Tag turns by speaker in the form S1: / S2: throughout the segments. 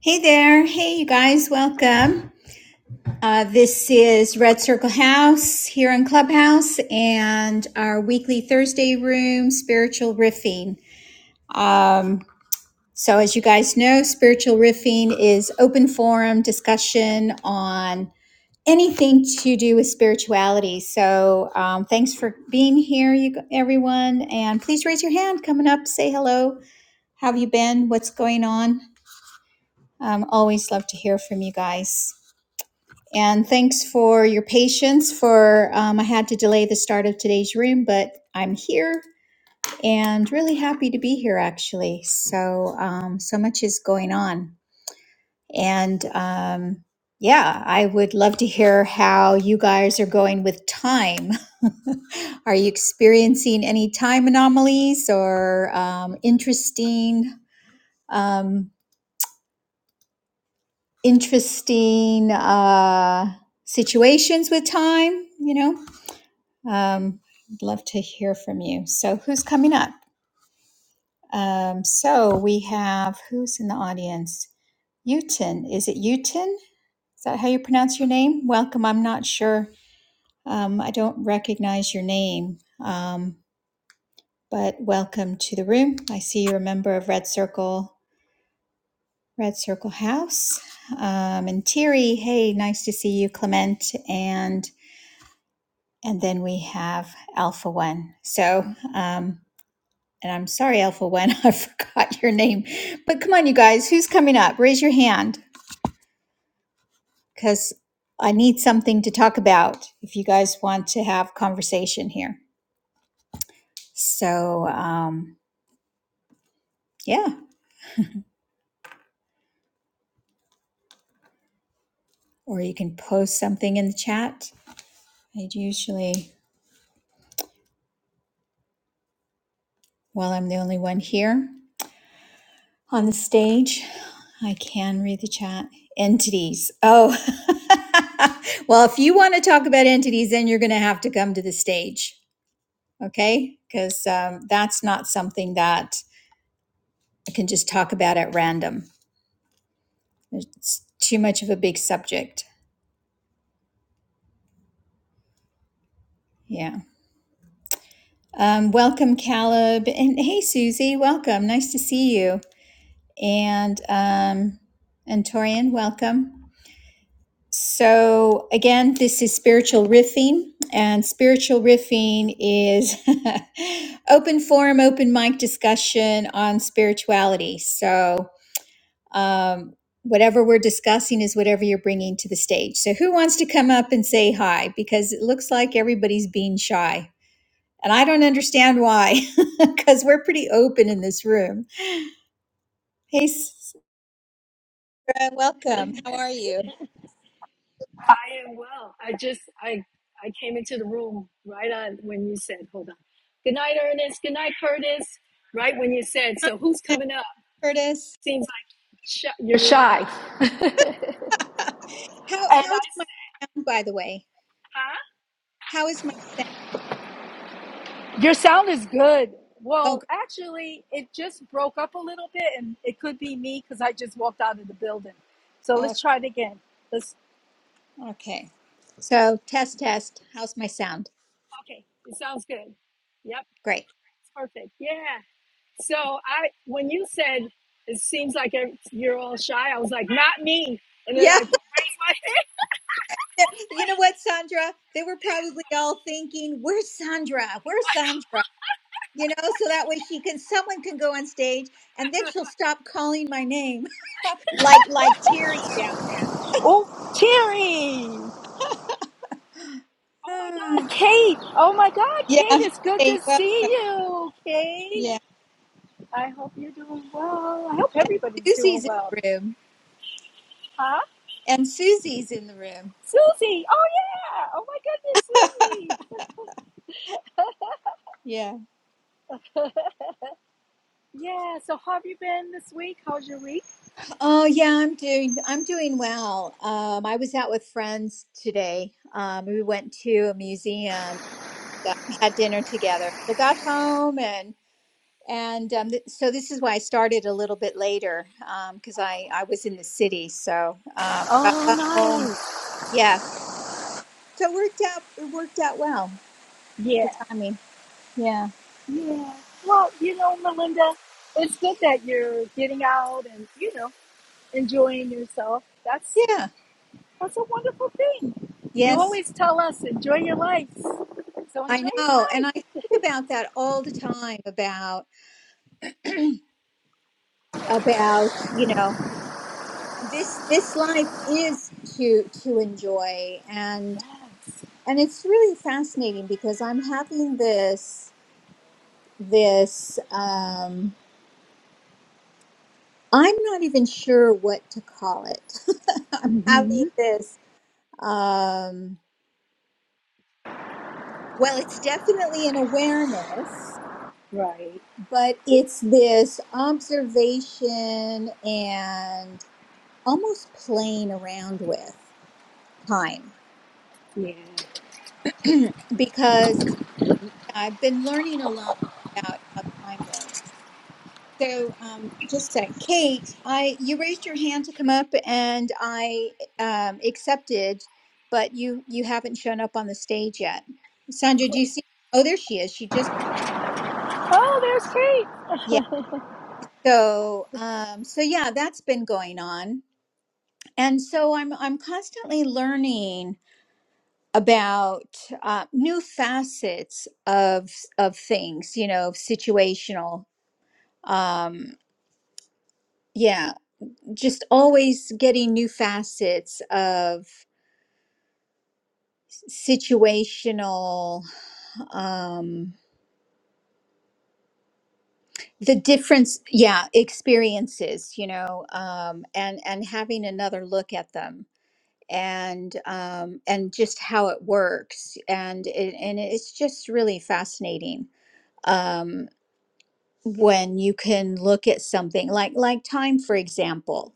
S1: Hey there. Hey, you guys. Welcome. Uh, this is Red Circle House here in Clubhouse and our weekly Thursday room, Spiritual Riffing. Um, so, as you guys know, Spiritual Riffing is open forum discussion on anything to do with spirituality. So, um, thanks for being here, you g- everyone. And please raise your hand coming up, say hello. How have you been? What's going on? Um, always love to hear from you guys. And thanks for your patience for um, I had to delay the start of today's room, but I'm here and really happy to be here actually. So um, so much is going on. And um, yeah, I would love to hear how you guys are going with time. are you experiencing any time anomalies or um, interesting um, interesting uh, situations with time, you know? Um, I'd love to hear from you. So, who's coming up? Um, so, we have who's in the audience? Utin. Is it Utin? Is that how you pronounce your name? Welcome. I'm not sure. Um, I don't recognize your name, um, but welcome to the room. I see you're a member of Red Circle, Red Circle House. Um, and Thierry, hey, nice to see you, Clement. And and then we have Alpha One. So, um, And I'm sorry, Alpha One, I forgot your name. But come on, you guys, who's coming up? Raise your hand because I need something to talk about if you guys want to have conversation here. So, um, yeah, or you can post something in the chat. I usually, while I'm the only one here on the stage, I can read the chat. Entities. Oh, well, if you want to talk about entities, then you're going to have to come to the stage okay? Because um, that's not something that I can just talk about at random. It's too much of a big subject. Yeah. Um, welcome, Caleb, and hey, Susie, welcome. Nice to see you, and um, and Torian, welcome. So again, this is spiritual riffing, and spiritual riffing is open forum, open mic discussion on spirituality. So um, whatever we're discussing is whatever you're bringing to the stage. So, who wants to come up and say hi? Because it looks like everybody's being shy. And I don't understand why, because we're pretty open in this room. Hey, Sarah, welcome. How are you?
S2: I am well. I just I I came into the room right on when you said, hold on. Good night, Ernest. Good night, Curtis. Right when you said, so who's coming up?
S1: Curtis,
S2: Seems like sh- you're shy. And
S1: how,
S2: I
S1: how is my
S2: said,
S1: sound, by the way?
S2: huh?
S1: How is my sound?
S2: Your sound is good.
S1: Oh,
S2: Well,
S1: gr-
S2: actually, it just broke up a little bit, and it could be me because I just walked out of the building. So let's
S1: oh,
S2: try it again. Let's.
S1: okay. So, test, test. How's my sound?
S2: Okay, it sounds good. Yep,
S1: Great.
S2: it's perfect. Yeah. So I, when you said it seems like you're all shy, I was like, not me. And then
S1: Yeah.
S2: I raised my hand.
S1: They're- you know what, Sandra? They were probably all thinking, "Where's Sandra? Where's Sandra?" You know, so that way she can, someone can go on stage, and then she'll stop calling my name, like like Terry down
S2: Oh, Terry! Oh my God,
S1: there.
S2: Kate! Oh my God, Kate,
S1: yeah.
S2: it's good
S1: Hey,
S2: to
S1: well,
S2: see you, Kate.
S1: yeah.
S2: I hope you're doing well. I hope
S1: And
S2: everybody's doing
S1: Susie's in
S2: well.
S1: the room,
S2: Huh?
S1: and Susie's in the room.
S2: Susie! Oh yeah! Oh my goodness,
S1: yeah.
S2: Susie! yeah, so how have you been this week? How's your week?
S1: Oh, yeah. I'm doing. I'm doing well. Um, I was out with friends today. Um, we went to a museum. um, Had dinner together. So got home and And um, th- so this is why I started a little bit later because I I was in the city. So um, uh,
S2: Oh,
S1: uh, oh
S2: nice.
S1: yeah, so it worked out. It worked out well.
S2: Yeah.
S1: The timing. Yeah.
S2: Yeah. Well, you know, Melinda, it's good that you're getting out and, you know, enjoying yourself. That's
S1: Yeah.
S2: that's a wonderful thing. You
S1: Yes.
S2: always tell us enjoy your life. So
S1: I
S2: enjoy
S1: know.
S2: your
S1: And
S2: life.
S1: I think about that all the time about about you know this this life is to to enjoy and
S2: Yes.
S1: and it's really fascinating because I'm having this this um I'm not even sure what to call it. I'm having
S2: Mhm.
S1: this. Um, well, it's definitely an awareness,
S2: Right.
S1: but it's this observation and almost playing around with time
S2: Yeah.
S1: because I've been learning a lot about how time works. So, um, just a sec. Kate, I you raised your hand to come up, and I um, accepted, but you you haven't shown up on the stage yet. Sandra, do you see? Oh, there she is. She just
S2: Oh, there's Kate.
S1: yeah. So, um, so yeah, that's been going on, and so I'm I'm constantly learning about uh, new facets of of things. You know, situational. Um, yeah, just always getting new facets of situational um the difference yeah experiences you know um and and having another look at them and um and just how it works and it, and it's just really fascinating um when you can look at something like like time for example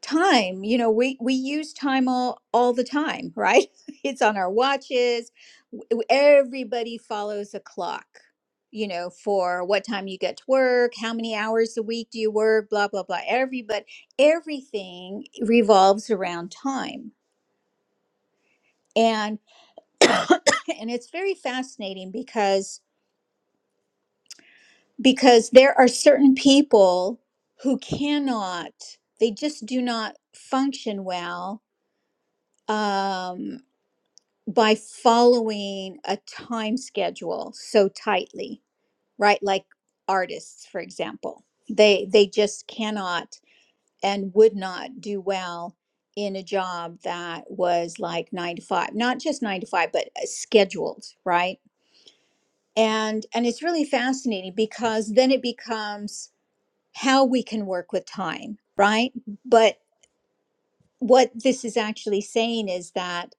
S1: time you know we we use time all all the time right it's on our watches W- everybody follows a clock you know for what time you get to work how many hours a week do you work blah blah blah Everybody, everything revolves around time and and it's very fascinating because because there are certain people who cannot they just do not function well um by following a time schedule so tightly right like artists for example they they just cannot and would not do well in a job that was like 9 to 5 not just 9 to 5 but uh, scheduled right and and it's really fascinating because then it becomes how we can work with time right but what this is actually saying is that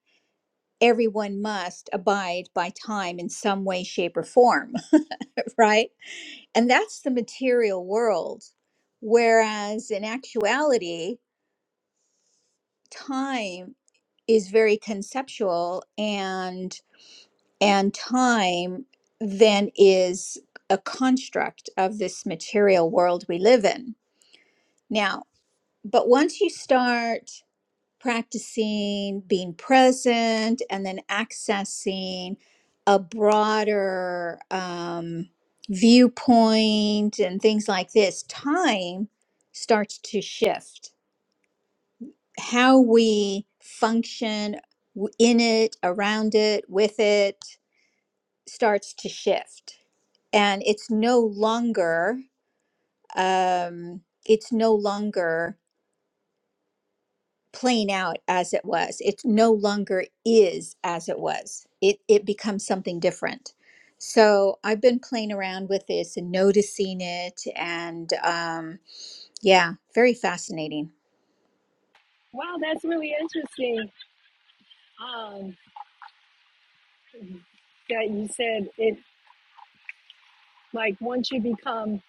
S1: everyone must abide by time in some way, shape, or form, right? And that's the material world. Whereas in actuality, time is very conceptual and and time then is a construct of this material world we live in. Now, but once you start practicing being present and then accessing a broader um, viewpoint and things like this, time starts to shift. How we function w- in it, around it, with it starts to shift. And it's no longer, um, it's no longer playing out as it was. It no longer is as it was. It it becomes something different. So I've been playing around with this and noticing it, and um, yeah, very fascinating.
S2: Wow, that's really interesting. Um that you said it like once you become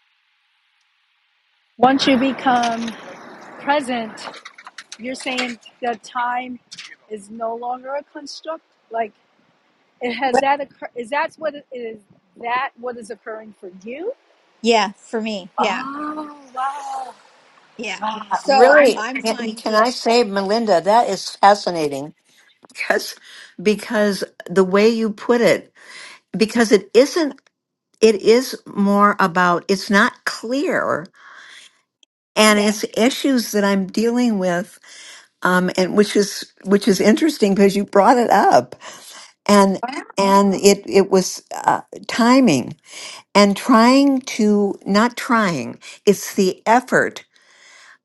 S2: once you become present You're saying the time is no longer a construct. Like it has
S1: What-
S2: that occur. Is that what it is? That what is occurring for you?
S1: Yeah, for me, yeah,
S2: Oh wow,
S1: yeah.
S2: wow.
S1: So
S3: Really,
S1: I'm
S3: can, can
S1: finding
S3: I say,
S1: that,
S3: Melinda, that is fascinating because because the way you put it, because it isn't, it is more about it's not clear, and
S1: yeah,
S3: it's issues that I'm dealing with, um, and which is which is interesting because you brought it up, and Wow. and
S1: oh,
S3: it it was uh, timing and trying to not trying, it's the effort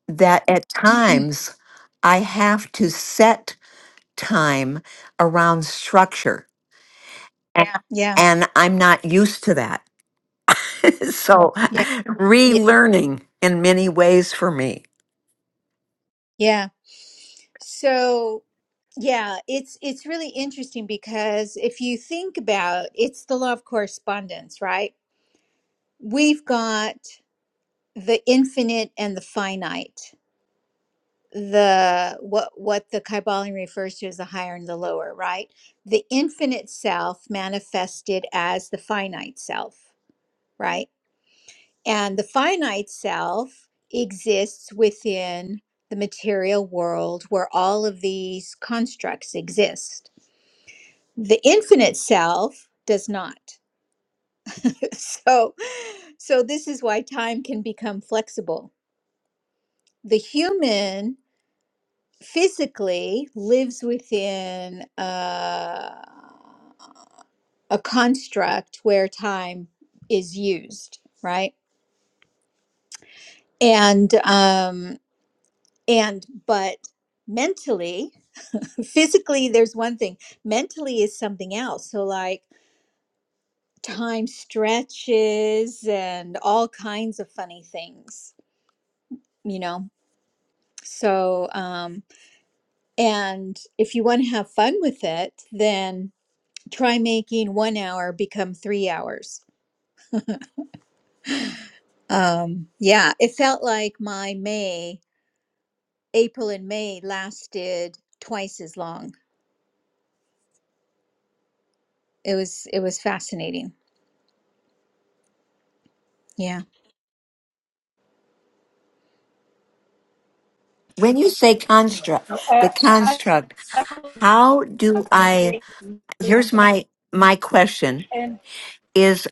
S3: that at times I have to set. time around structure. Yeah.
S1: yeah,
S3: And I'm not used to that. so
S1: yeah, yeah,
S3: relearning in many ways for me.
S1: yeah. So yeah, it's it's really interesting because if you think about it's the law of correspondence, right? We've got the infinite and the finite. The what what the Kybalion refers to as the higher and the lower, right? The infinite self manifested as the finite self, right? And the finite self exists within the material world where all of these constructs exist. The infinite self does not. so so this is why time can become flexible. The human physically lives within uh, a construct where time is used, right? And um, and but mentally, physically, there's one thing. Mentally is something else. So like time stretches and all kinds of funny things, you know. So um, and if you want to have fun with it, then try making one hour become three hours. Um, yeah, it felt like my May, April and May lasted twice as long. It was it was fascinating. Yeah.
S3: When you say construct,
S2: Uh,
S3: the
S2: I,
S3: construct,
S2: I don't
S3: how do I
S2: make
S3: here's my my question
S2: and
S3: is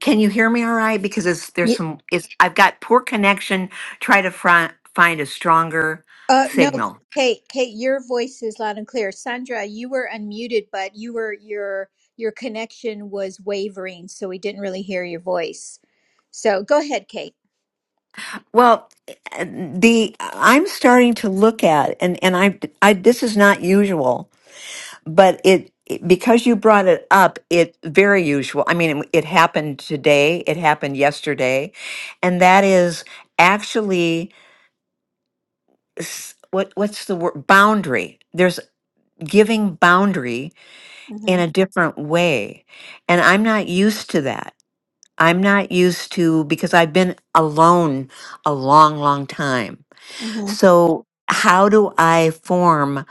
S3: can you hear me all right? Because it's there's
S1: Ye-
S3: some it's I've got poor connection, try to fri- find a stronger
S1: Uh, no,
S3: signal.
S1: Kate, Kate, your voice is loud and clear. Sandra, you were unmuted, but you were your your connection was wavering, so we didn't really hear your voice. So go ahead, Kate.
S3: Well, the I'm starting to look at and and I I this is not usual, but it because you brought it up, it very usual. I mean, it, it happened today, it happened yesterday, and that is actually s- what what's the word boundary. There's giving boundary in a different way, and I'm not used to that. I'm not used to because I've been alone a long, long time
S1: Mm-hmm.
S3: So, how do I form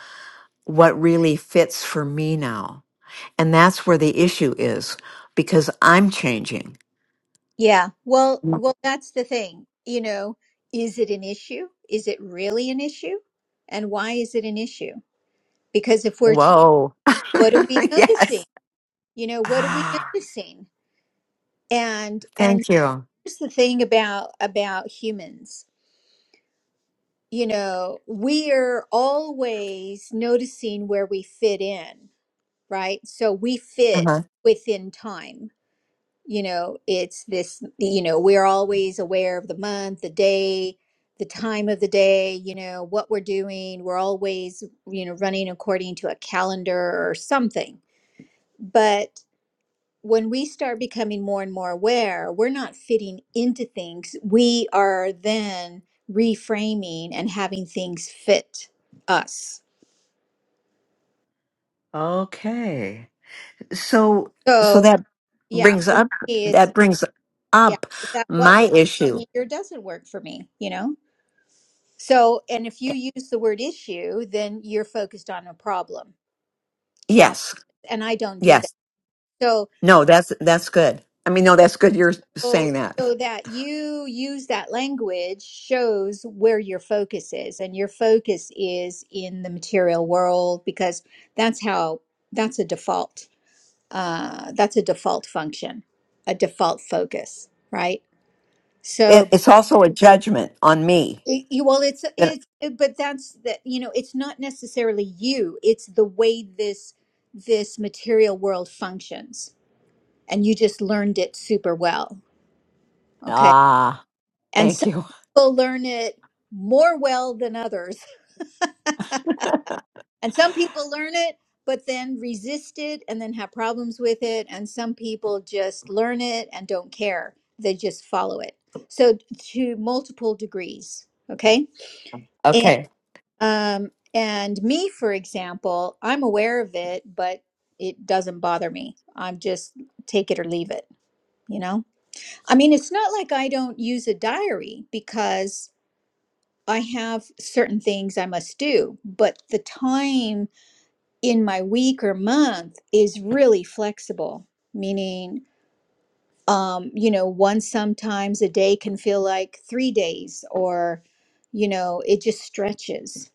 S3: what really fits for me now? And that's where the issue is because I'm changing.
S1: Yeah. Well,
S3: Mm.
S1: well, that's the thing. You know, is it an issue? Is it really an issue? And why is it an issue? Because if we're, ch-
S3: Whoa.
S1: what are we noticing?
S3: yes.
S1: You know, what are we
S3: Ah,
S1: noticing? And and
S3: Thank you.
S1: here's the thing about about humans. You know, we are always noticing where we fit in, right? So we
S3: Uh-huh.
S1: fit within time. you know it's this you know we're always aware of the month the day the time of the day you know what we're doing we're always you know running according to a calendar or something but when we start becoming more and more aware we're not fitting into things we are then reframing and having things fit us
S3: Okay. So, so
S1: so
S3: that
S1: yeah
S3: brings
S1: for
S3: up,
S1: me it's
S3: that brings
S1: yeah
S3: up
S1: that what
S3: my
S1: works for
S3: issue.
S1: me or doesn't work for me you know So, and if you
S3: Eh,
S1: use the word issue, then you're focused on a problem, challenge,
S3: Yes.
S1: and I don't do that.
S3: Yes.
S1: So,
S3: No, that's, that's good. I mean, no, that's good. You're
S1: so,
S3: saying that.
S1: so that you use that language shows where your focus is, and your focus is in the material world because that's how that's a default. Uh, that's a default function, a default focus, right?
S3: It,
S1: So,
S3: it's also a judgment on me
S1: It- you- well it's
S3: that
S1: it's it- but that's that you know it's not necessarily you it's the way this this material world functions and you just learned it super well okay
S3: Ah,
S1: and
S3: thank
S1: some
S3: you.
S1: people learn it more well than others and some people learn it but then resist it and then have problems with it and some people just learn it and don't care they just follow it so to multiple degrees okay
S3: Okay.
S1: Um, and me, for example, I'm aware of it, but it doesn't bother me. I'm just take it or leave it, you know? I mean, it's not like I don't use a diary because I have certain things I must do, but the time in my week or month is really flexible, meaning, um, you know, one sometimes a day can feel like three days or, you know, it just stretches.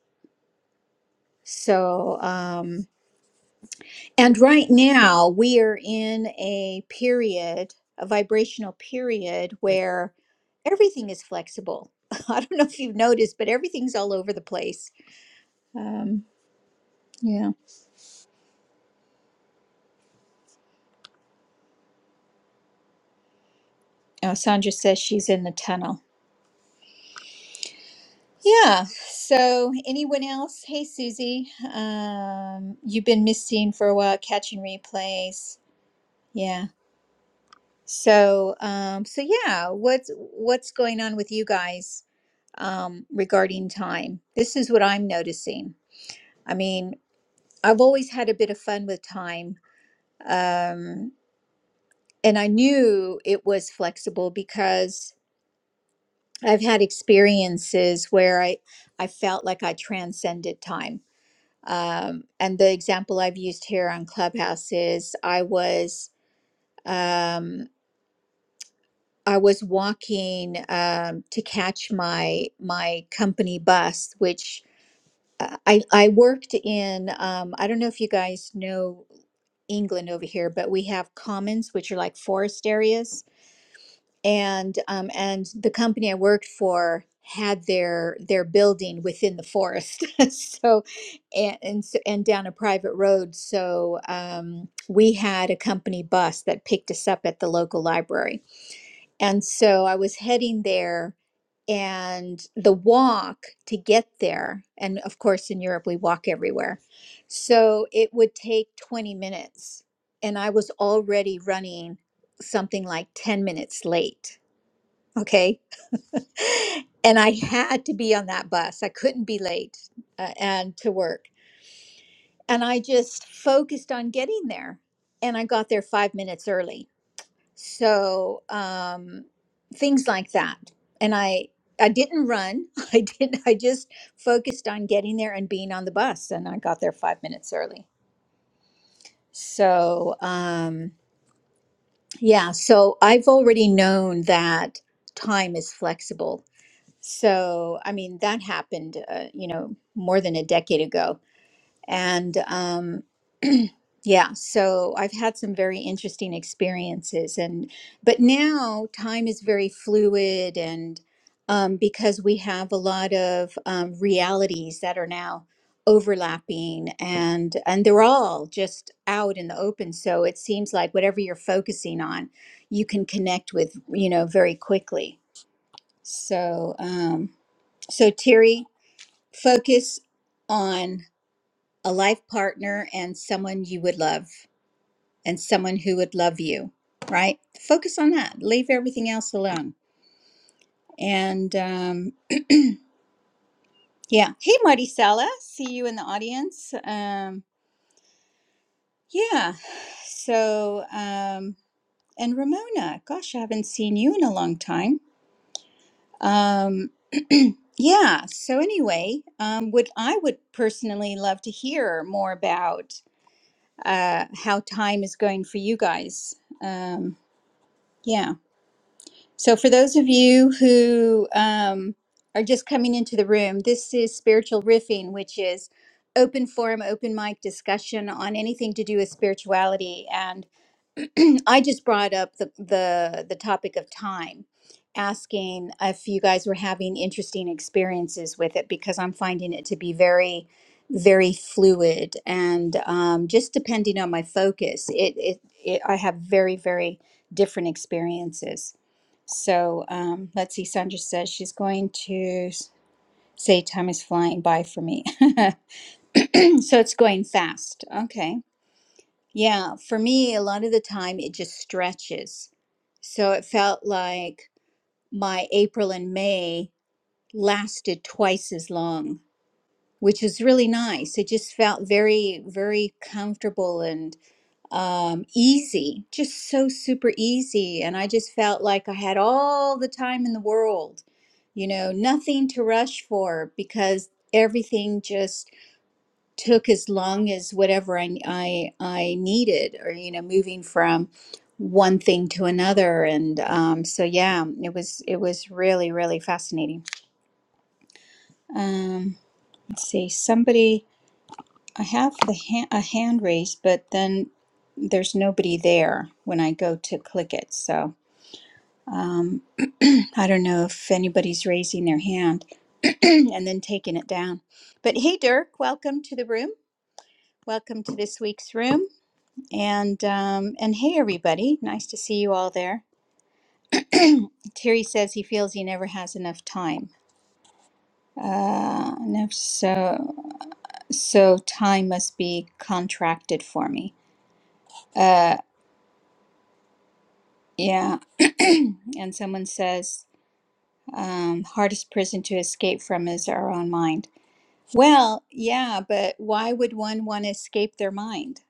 S1: So, um, And right now, we are in a period, a vibrational period, where everything is flexible. I don't know if you've noticed, but everything's all over the place. Um, yeah. Oh, Sandra says she's in the tunnel. Yeah. So, anyone else? Hey, Susie. Um, you've been missing for a while, catching replays. Yeah. So, um, so yeah. What's what's going on with you guys? um, regarding time. This is what I'm noticing. I mean, I've always had a bit of fun with time. Um, and I knew it was flexible because I've had experiences where I, I felt like I transcended time. Um, and the example I've used here on Clubhouse is I was um, I was walking um, to catch my my company bus, which I I I worked in um, I don't know if you guys know England over here, but we have commons, which are like forest areas. And um, and the company I worked for had their their building within the forest, so and and, so, and down a private road. So um, we had a company bus that picked us up at the local library, and so I was heading there and the walk to get there and of course in Europe we walk everywhere so it would take 20 minutes and i was already running something like 10 minutes late okay and i had to be on that bus i couldn't be late uh, and to work and i just focused on getting there and i got there 5 minutes early so um, things like that and i i didn't run i didn't i just focused on getting there and being on the bus and i got there five minutes early so um yeah so i've already known that time is flexible so i mean that happened uh, you know more than a decade ago And um, yeah, so I've had some very interesting experiences. And but now time is very fluid, and um, because we have a lot of um, realities that are now overlapping and and they're all just out in the open so it seems like whatever you're focusing on you can connect with you know very quickly so um so terry focus on a life partner and someone you would love and someone who would love you, right? Focus on that. Leave everything else alone. And um, yeah. Hey, Marticela, see you in the audience. Um, yeah. So, um, and Ramona, gosh, I haven't seen you in a long time. Um, yeah. So anyway, um, would I would personally love to hear more about uh, how time is going for you guys. Um, yeah. So, for those of you who um, are just coming into the room, this is Spiritual Riffing, which is open forum, open mic discussion on anything to do with spirituality. And I just brought up the, the the topic of time, asking if you guys were having interesting experiences with it because I'm finding it to be very, very fluid and um, just depending on my focus, it, it it I have very very different experiences. So um, let's see. Sandra says she's going to s- say time is flying by for me, so it's going fast. Okay. Yeah, for me, a lot of the time it just stretches. So it felt like my April and May lasted twice as long, which is really nice. It just felt very, very comfortable and um, easy, just so super easy. And I just felt like I had all the time in the world, you know, nothing to rush for because everything just took as long as whatever I, I I needed, or you know, moving from one thing to another. And um, so, yeah, it was it was really really fascinating. Um, let's see, somebody I have the ha- a hand raised, but then there's nobody there when I go to click it. So. Um, I don't know if anybody's raising their hand and then taking it down. But hey, Dirk, welcome to the room. Welcome to this week's room. And um, and hey, everybody, nice to see you all there. Terry says he feels he never has enough time. Uh, enough so so time must be contracted for me. Uh, yeah. and someone says um, hardest prison to escape from is our own mind. Well, yeah, but why would one want to escape their mind?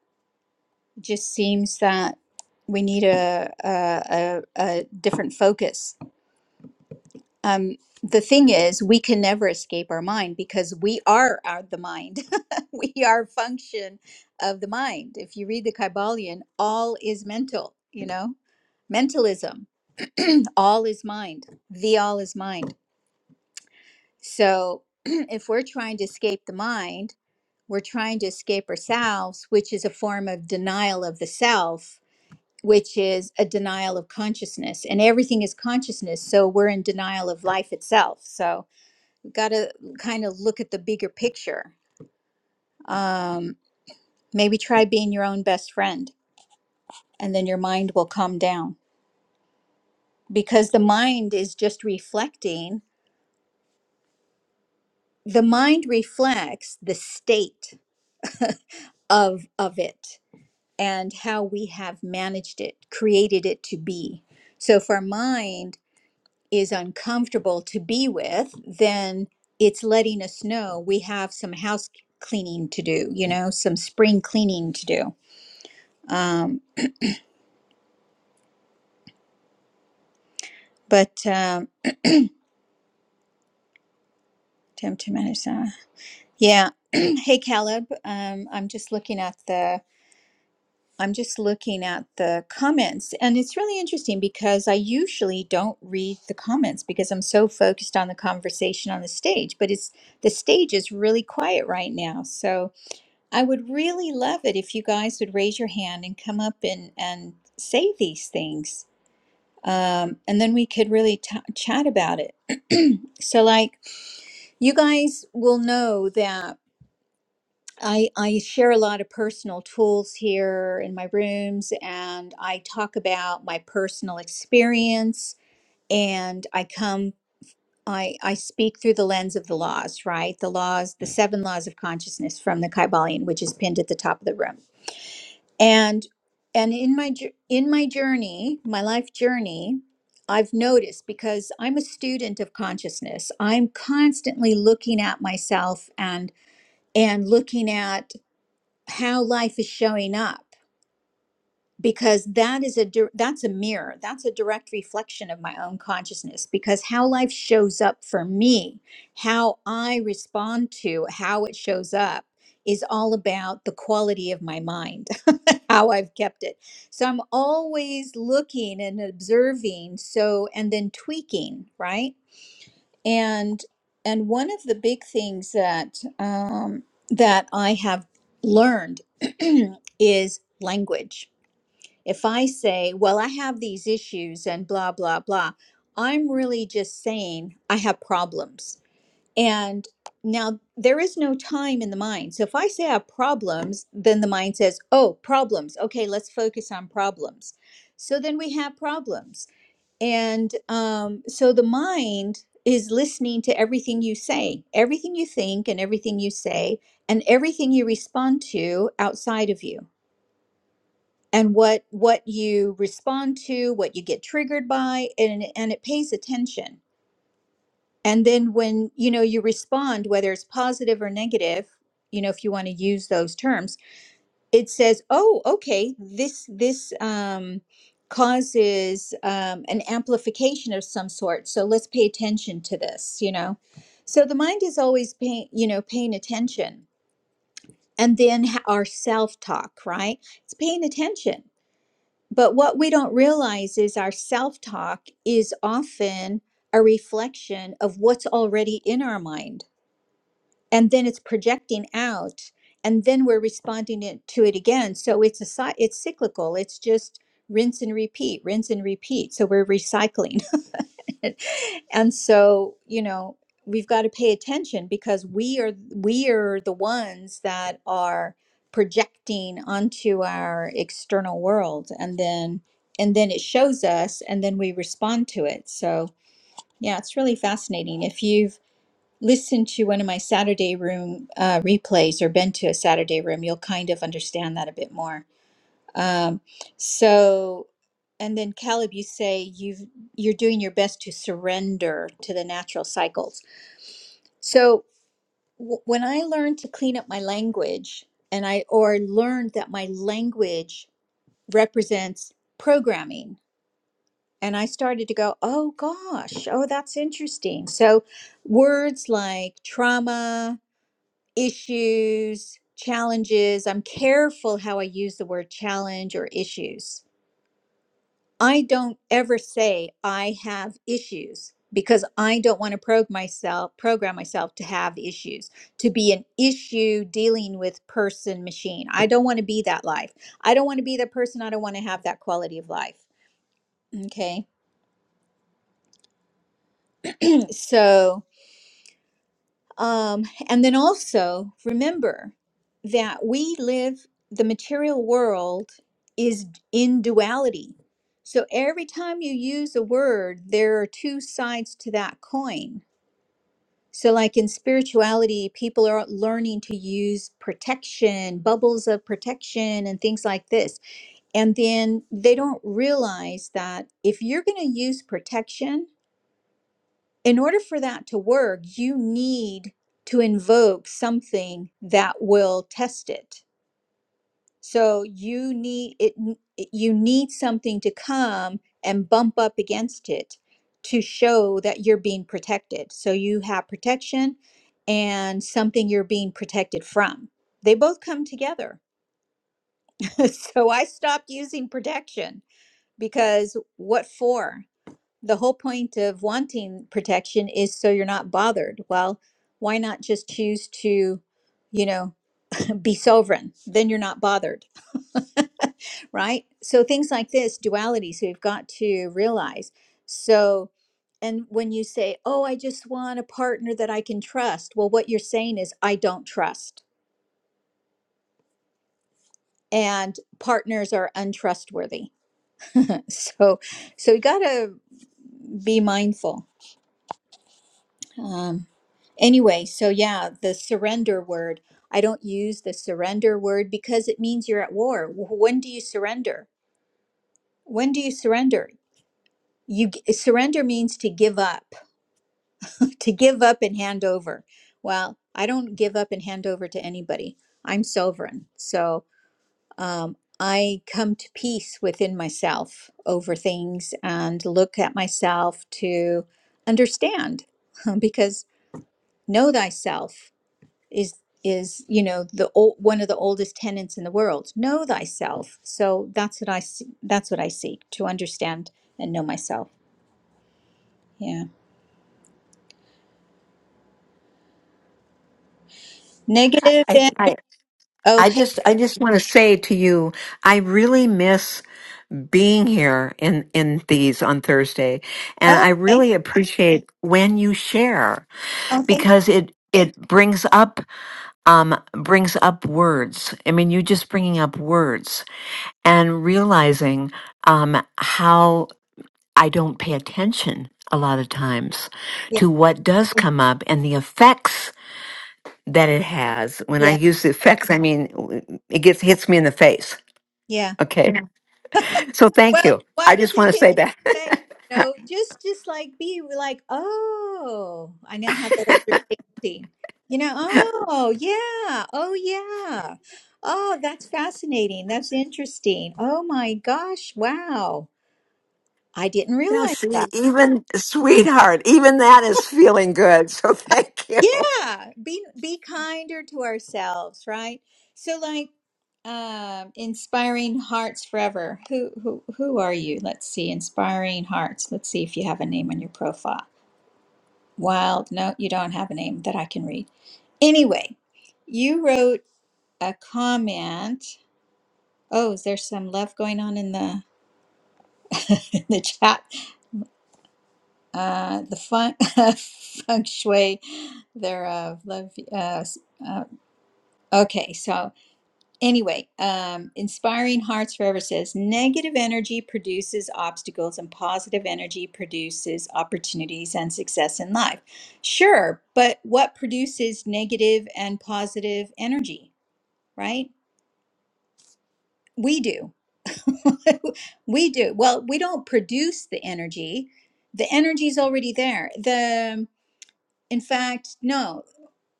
S1: It just seems that we need a a, a, a different focus um, the thing is we can never escape our mind because we are our, the mind we are a function of the mind if you read the kybalion all is mental you know mentalism all is mind the all is mind so if we're trying to escape the mind we're trying to escape ourselves which is a form of denial of the self which is a denial of consciousness and everything is consciousness so we're in denial of life itself so got to kind of look at the bigger picture. Um, maybe try being your own best friend, and then your mind will calm down because the mind is just reflecting. The mind reflects the state of of it and how we have managed it, created it to be. So if our mind is uncomfortable to be with, then it's letting us know we have some house cleaning to do, you know, some spring cleaning to do. Um, But um, attempt to manage that. Yeah. hey, Caleb. Um, I'm just looking at the. I'm just looking at the comments, and it's really interesting because I usually don't read the comments because I'm so focused on the conversation on the stage. But it's the stage is really quiet right now, so I would really love it if you guys would raise your hand and come up and and say these things, um, and then we could really t- chat about it. So, like, you guys will know that I, I share a lot of personal tools here in my rooms, and I talk about my personal experience. And I come, I, I speak through the lens of the laws, right? The laws, the seven laws of consciousness from the Kybalion, which is pinned at the top of the room. And and in my jour- in my journey, my life journey, I've noticed because I'm a student of consciousness. I'm constantly looking at myself and and looking at how life is showing up because that is a dir- that's a mirror that's a direct reflection of my own consciousness because how life shows up for me how i respond to how it shows up is all about the quality of my mind how i've kept it so i'm always looking and observing so and then tweaking right and and one of the big things that um, that I have learned is language. If I say, "Well, I have these issues," and blah blah blah, I'm really just saying I have problems. And now there is no time in the mind. So if I say I have problems, then the mind says, "Oh, problems. Okay, let's focus on problems." So then we have problems. And um, so the mind is listening to everything you say, everything you think, and everything you say, and everything you respond to outside of you, and what what you respond to, what you get triggered by, and and it pays attention. And then when you know you respond, whether it's positive or negative, you know if you want to use those terms it says, "Oh, okay, this this um, causes um, an amplification of some sort. So let's pay attention to this." You know, so the mind is always paying, you know, paying attention, and then h- our self talk, right? It's paying attention, but what we don't realize is our self talk is often a reflection of what's already in our mind and then it's projecting out and then we're responding it, to it again so it's a cy- it's cyclical it's just rinse and repeat rinse and repeat so we're recycling and so you know we've got to pay attention because we are we are the ones that are projecting onto our external world and then and then it shows us and then we respond to it so yeah it's really fascinating if you've listened to one of my Saturday room uh, replays or been to a Saturday room, you'll kind of understand that a bit more. Um, so, and then Caleb, you say you've you're doing your best to surrender to the natural cycles. So w- when I learned to clean up my language, and I or learned that my language represents programming. And I started to go, oh gosh, oh, that's interesting. So, words like trauma, issues, challenges. I'm careful how I use the word challenge or issues. I don't ever say I have issues because I don't want to program myself program myself to have issues, to be an issue dealing with person machine. I don't want to be that life. I don't want to be that person. I don't want to have that quality of life. Okay. So Um, and then also remember that we live, the material world is in duality. So every time you use a word, there are two sides to that coin. So, like in spirituality, people are learning to use protection, bubbles of protection, and things like this. And then they don't realize that if you're going to use protection, in order for that to work, you need to invoke something that will test it. So you need it you need something to come and bump up against it to show that you're being protected. So you have protection and something you're being protected from. They both come together. so I stopped using protection because what for? the whole point of wanting protection is so you're not bothered. Well, why not just choose to, you know, be sovereign? Then you're not bothered, right? So things like this, dualities we've got to realize. So, and when you say, oh, I just want a partner that I can trust, well, what you're saying is, I don't trust. And partners are untrustworthy. So, so we got to be mindful Um, anyway, so yeah, the surrender word. I don't use the surrender word because it means you're at war. Wh- When do you surrender? When do you surrender? You g- surrender means to give up, to give up and hand over. Well, I don't give up and hand over to anybody. I'm sovereign, so um, I come to peace within myself over things and look at myself to understand, because know thyself is is you know the old one of the oldest tenets in the world know thyself so that's what i s- that's what i seek to understand and know myself yeah negative
S3: I, th-
S1: and
S3: I,
S1: oh
S3: I
S1: hey
S3: just, I just want to say to you, I really miss being here in, in these on Thursday. And
S1: oh,
S3: I
S1: okay
S3: really appreciate when you share
S1: oh thank
S3: because it, it brings up, um, brings up words. I mean, you just bringing up words and realizing, um, how I don't pay attention a lot of times
S1: you
S3: to what does come up and the effects that it has.
S1: yeah
S3: When I
S1: yeah
S3: use the effects, I mean w- it gets hits me in the face.
S1: yeah
S3: Okay, Yeah. so thank
S1: well
S3: you.
S1: why
S3: I just
S1: does it
S3: want to
S1: hit
S3: say
S1: you in
S3: that.
S1: the face? you know just just like be like oh i now have that understanding you know oh yeah oh yeah oh that's fascinating that's interesting oh my gosh wow I didn't
S3: Now,
S1: realize
S3: see,
S1: that.
S3: even sweetheart, even that is feeling good. So thank you.
S1: Yeah, be be kinder to ourselves, right? So, like, um, inspiring hearts forever. Who who who are you? Let's see, inspiring hearts. Let's see if you have a name on your profile. Wild. No, you don't have a name that I can read. Anyway, you wrote a comment. Oh, is there some love going on in the in the chat? Uh, the fun, feng shui thereof. Love. Uh, Okay, so anyway, um, Inspiring Hearts Forever says negative energy produces obstacles and positive energy produces opportunities and success in life. Sure, but what produces negative and positive energy, right? We do. we do. Well, we don't produce the energy. The energy's already there. The in fact, no,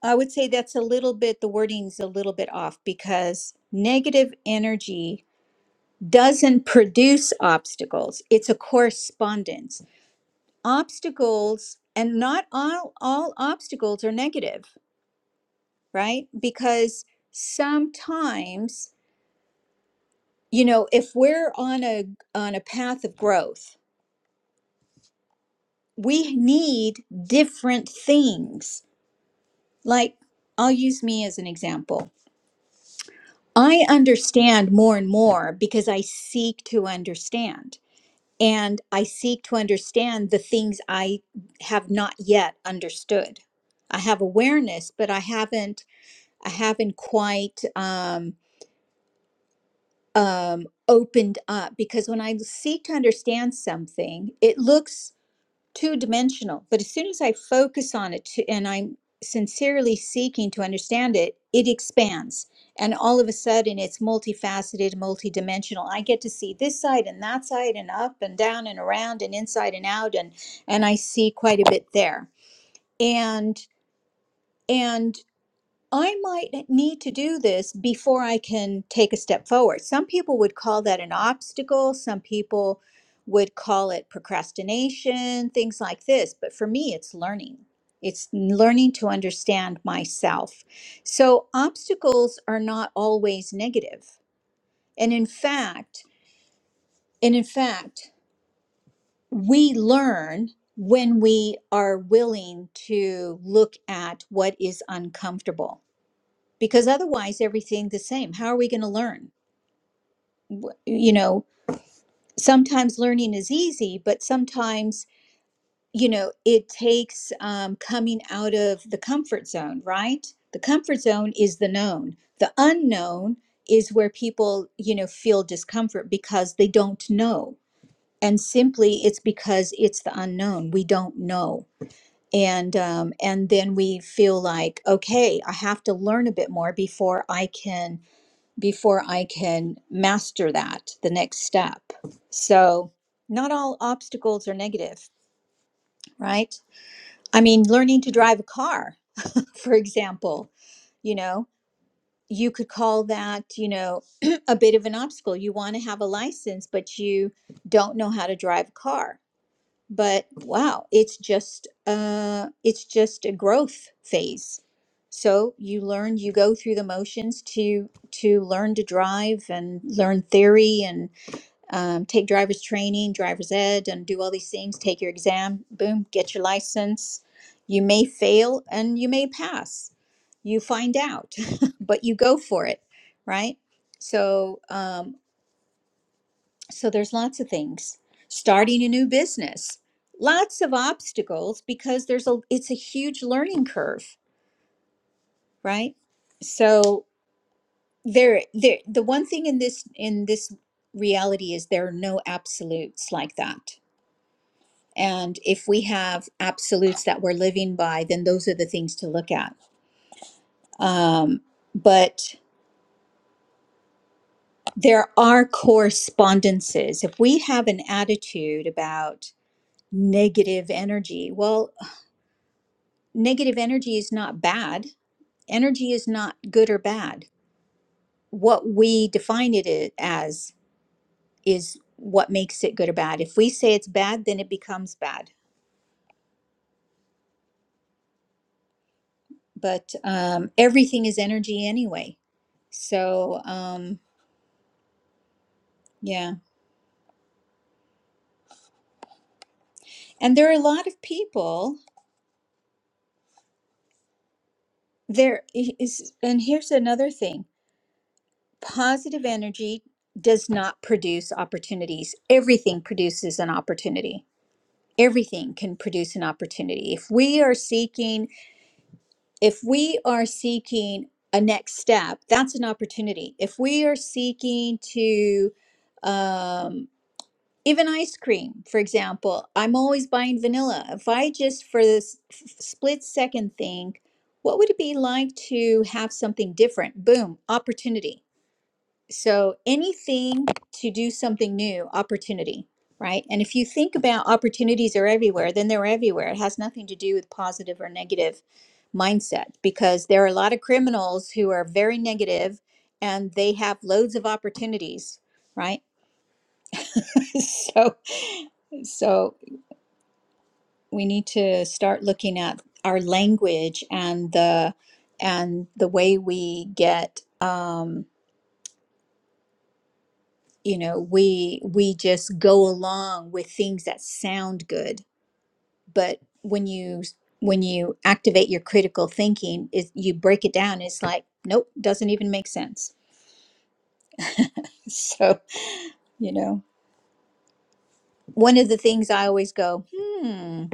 S1: I would say that's a little bit, the wording's a little bit off because negative energy doesn't produce obstacles, it's a correspondence. Obstacles, and not all, all obstacles are negative, right? Because sometimes, you know, if we're on a on a path of growth, we need different things. Like I'll use me as an example. I understand more and more because I seek to understand and I seek to understand the things I have not yet understood. I have awareness, but I haven't I haven't quite um, um, opened up because when I seek to understand something, it looks two dimensional. But as soon as I focus on it to, and I'm sincerely seeking to understand it, it expands. And all of a sudden, it's multifaceted, multidimensional. I get to see this side and that side, and up and down and around and inside and out, and and I see quite a bit there. And and I might need to do this before I can take a step forward. Some people would call that an obstacle. Some people would call it procrastination, things like this. But for me, it's learning. It's learning to understand myself. So obstacles are not always negative. And in fact, and in fact, we learn when we are willing to look at what is uncomfortable because otherwise everything the same how are we going to learn W- you know sometimes learning is easy but sometimes you know it takes um, coming out of the comfort zone right the comfort zone is the known the unknown is where people you know feel discomfort because they don't know and simply it's because it's the unknown we don't know and um, and then we feel like okay i have to learn a bit more before i can before I can master that, the next step. So, not all obstacles are negative, right? I mean, learning to drive a car, for example, you know, you could call that, you know, a bit of an obstacle. You want to have a license, but you don't know how to drive a car but wow it's just uh it's just a growth phase so you learn you go through the motions to to learn to drive and learn theory and um, take driver's training driver's ed and do all these things take your exam boom get your license you may fail and you may pass you find out but you go for it right so um, so there's lots of things. Starting a new business, lots of obstacles because there's a it's a huge learning curve, right? So there there the one thing in this in this reality is there are no absolutes like that. And if we have absolutes that we're living by, then those are the things to look at. Um, but there are correspondences. If we have an attitude about negative energy. Well, negative energy is not bad. Energy is not good or bad. What we define it i- as is what makes it good or bad. If we say it's bad, then it becomes bad. But um, everything is energy anyway. So um, yeah, and there are a lot of people there i- is, and here's another thing: positive energy does not produce opportunities. Everything produces an opportunity everything can produce an opportunity. If we are seeking if we are seeking a next step, that's an opportunity. If we are seeking to, um, even ice cream, for example, I'm always buying vanilla. If I just for this f- split second think, what would it be like to have something different? Boom, opportunity so anything to do something new, opportunity, right? And if you think about opportunities are everywhere, then they're everywhere. It has nothing to do with positive or negative mindset because there are a lot of criminals who are very negative and they have loads of opportunities, right? so so we need to start looking at our language and the and the way we get um, you know we we just go along with things that sound good but when you when you activate your critical thinking is you break it down it's like nope doesn't even make sense so you know one of the things i always go hmm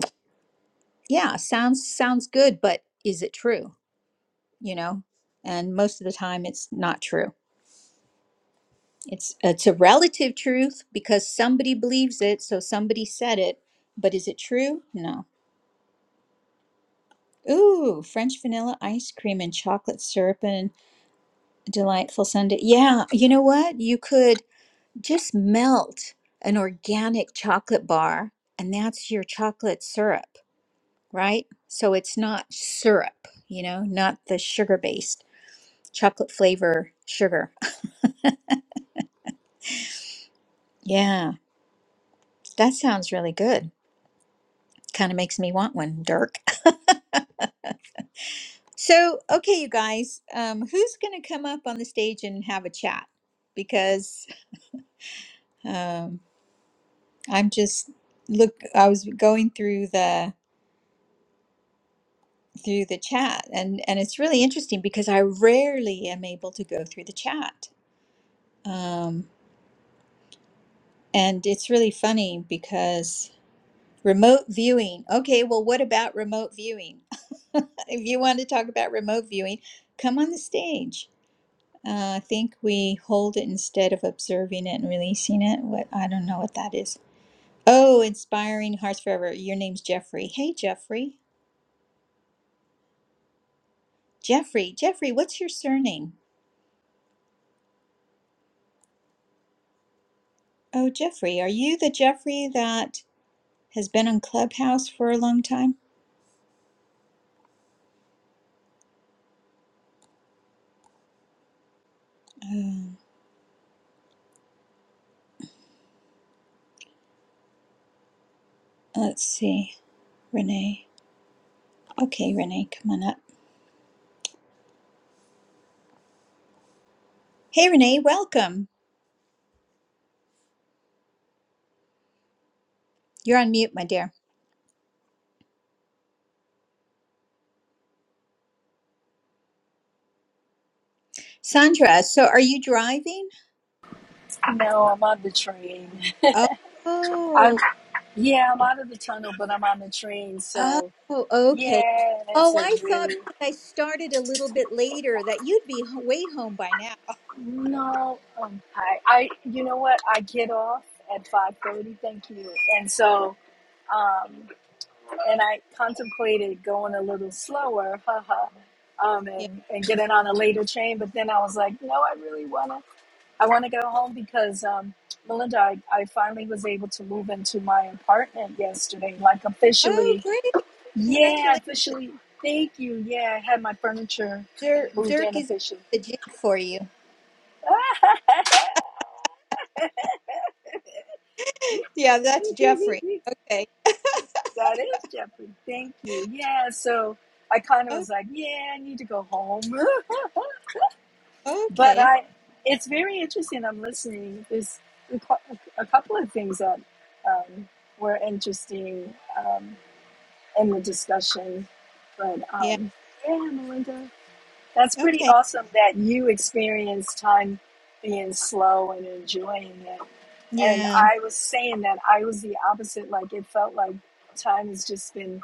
S1: yeah sounds sounds good but is it true you know and most of the time it's not true it's it's a relative truth because somebody believes it so somebody said it but is it true no Ooh, French vanilla ice cream and chocolate syrup and a delightful sundae. Yeah, you know what? You could just melt an organic chocolate bar, and that's your chocolate syrup, right? So it's not syrup, you know, not the sugar based chocolate flavor sugar. Yeah, that sounds really good. Kind of makes me want one, Dirk. So, okay, you guys, um, who's going to come up on the stage and have a chat? Because. um, I'm just look I was going through the through the chat and and it's really interesting because I rarely am able to go through the chat. Um and it's really funny because remote viewing. Okay, well what about remote viewing? if you want to talk about remote viewing, come on the stage. Uh, I think we hold it instead of observing it and releasing it. What I don't know what that is. Oh, inspiring hearts forever. Your name's Jeffrey. Hey, Jeffrey. Jeffrey, Jeffrey, what's your surname? Oh, Jeffrey, are you the Jeffrey that has been on Clubhouse for a long time? Um, let's see. Renee. Okay, Renee, come on up. Hey, Renee, welcome. You're on mute, my dear. Sandra, so are you driving?
S2: no, I'm on the train.
S1: Oh,
S2: I'm
S1: oh,
S2: yeah, I'm out of the tunnel, but I'm on the train.
S1: oh,
S2: So
S1: okay.
S2: yeah, it's
S1: Oh,
S2: a
S1: I thought
S2: really
S1: because I started a little bit later that you'd be ho- way home by now.
S2: no. Um, I I you know what? I get off at five thirty. Thank you. And so um, and I contemplated going a little slower, haha, um,
S1: Yeah.
S2: and, and getting on a later train. But then I was like, no, I really wanna, I wanna go home because um, Melinda, I, I finally was able to move into my apartment yesterday, like
S1: Oh,
S2: officially.
S1: great.
S2: Yeah,
S1: Congratulations.
S2: officially. Thank you. Yeah, I had my furniture
S1: Dirk,
S2: moved in
S1: Dirk is
S2: officially.
S1: doing the jig for you. yeah, that's
S2: We
S1: Jeffrey. Okay.
S2: That is Jeffrey. Thank you. Yeah, so I kind of
S1: Oh,
S2: was like, yeah, I need to go home. but
S1: okay.
S2: I, it's very interesting. I'm listening. There's a cou- a couple of things that um, were interesting um, in the discussion. But
S1: Yeah.
S2: um, yeah, Melinda, that's pretty
S1: Okay.
S2: awesome that you experienced time being slow and enjoying it. And
S1: Yeah.
S2: I was saying that I was the opposite. Like it felt like time has just been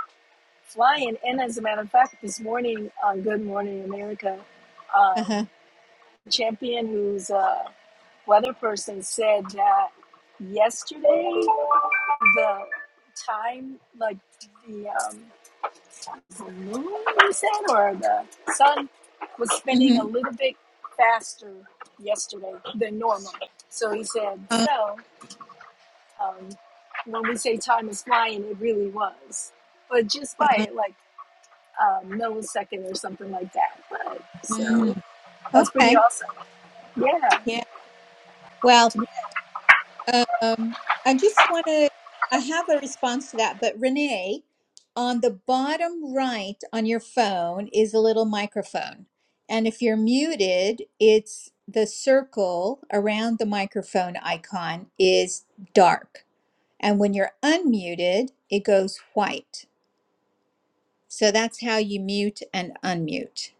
S2: flying. And as a matter of fact, this morning on Good Morning America,
S1: Uh-huh.
S2: um, Champion, who's a weather person, said that yesterday the time, like the, um, the moon, you said, or the sun was spinning a
S1: Mm-hmm.
S2: little bit faster yesterday than normal. So he said,
S1: Uh,
S2: so um, when we say time is flying, it really was. But just by
S1: uh,
S2: like um, millisecond or something like that. But, so
S1: mm.
S2: that's pretty
S1: Okay.
S2: awesome. Yeah.
S1: Yeah. Well, um, I just want to, I have a response to that, but Renee, on the bottom right on your phone is a little microphone. And if you're muted, it's the circle around the microphone icon is dark. And when you're unmuted, it goes white. So that's how you mute and unmute.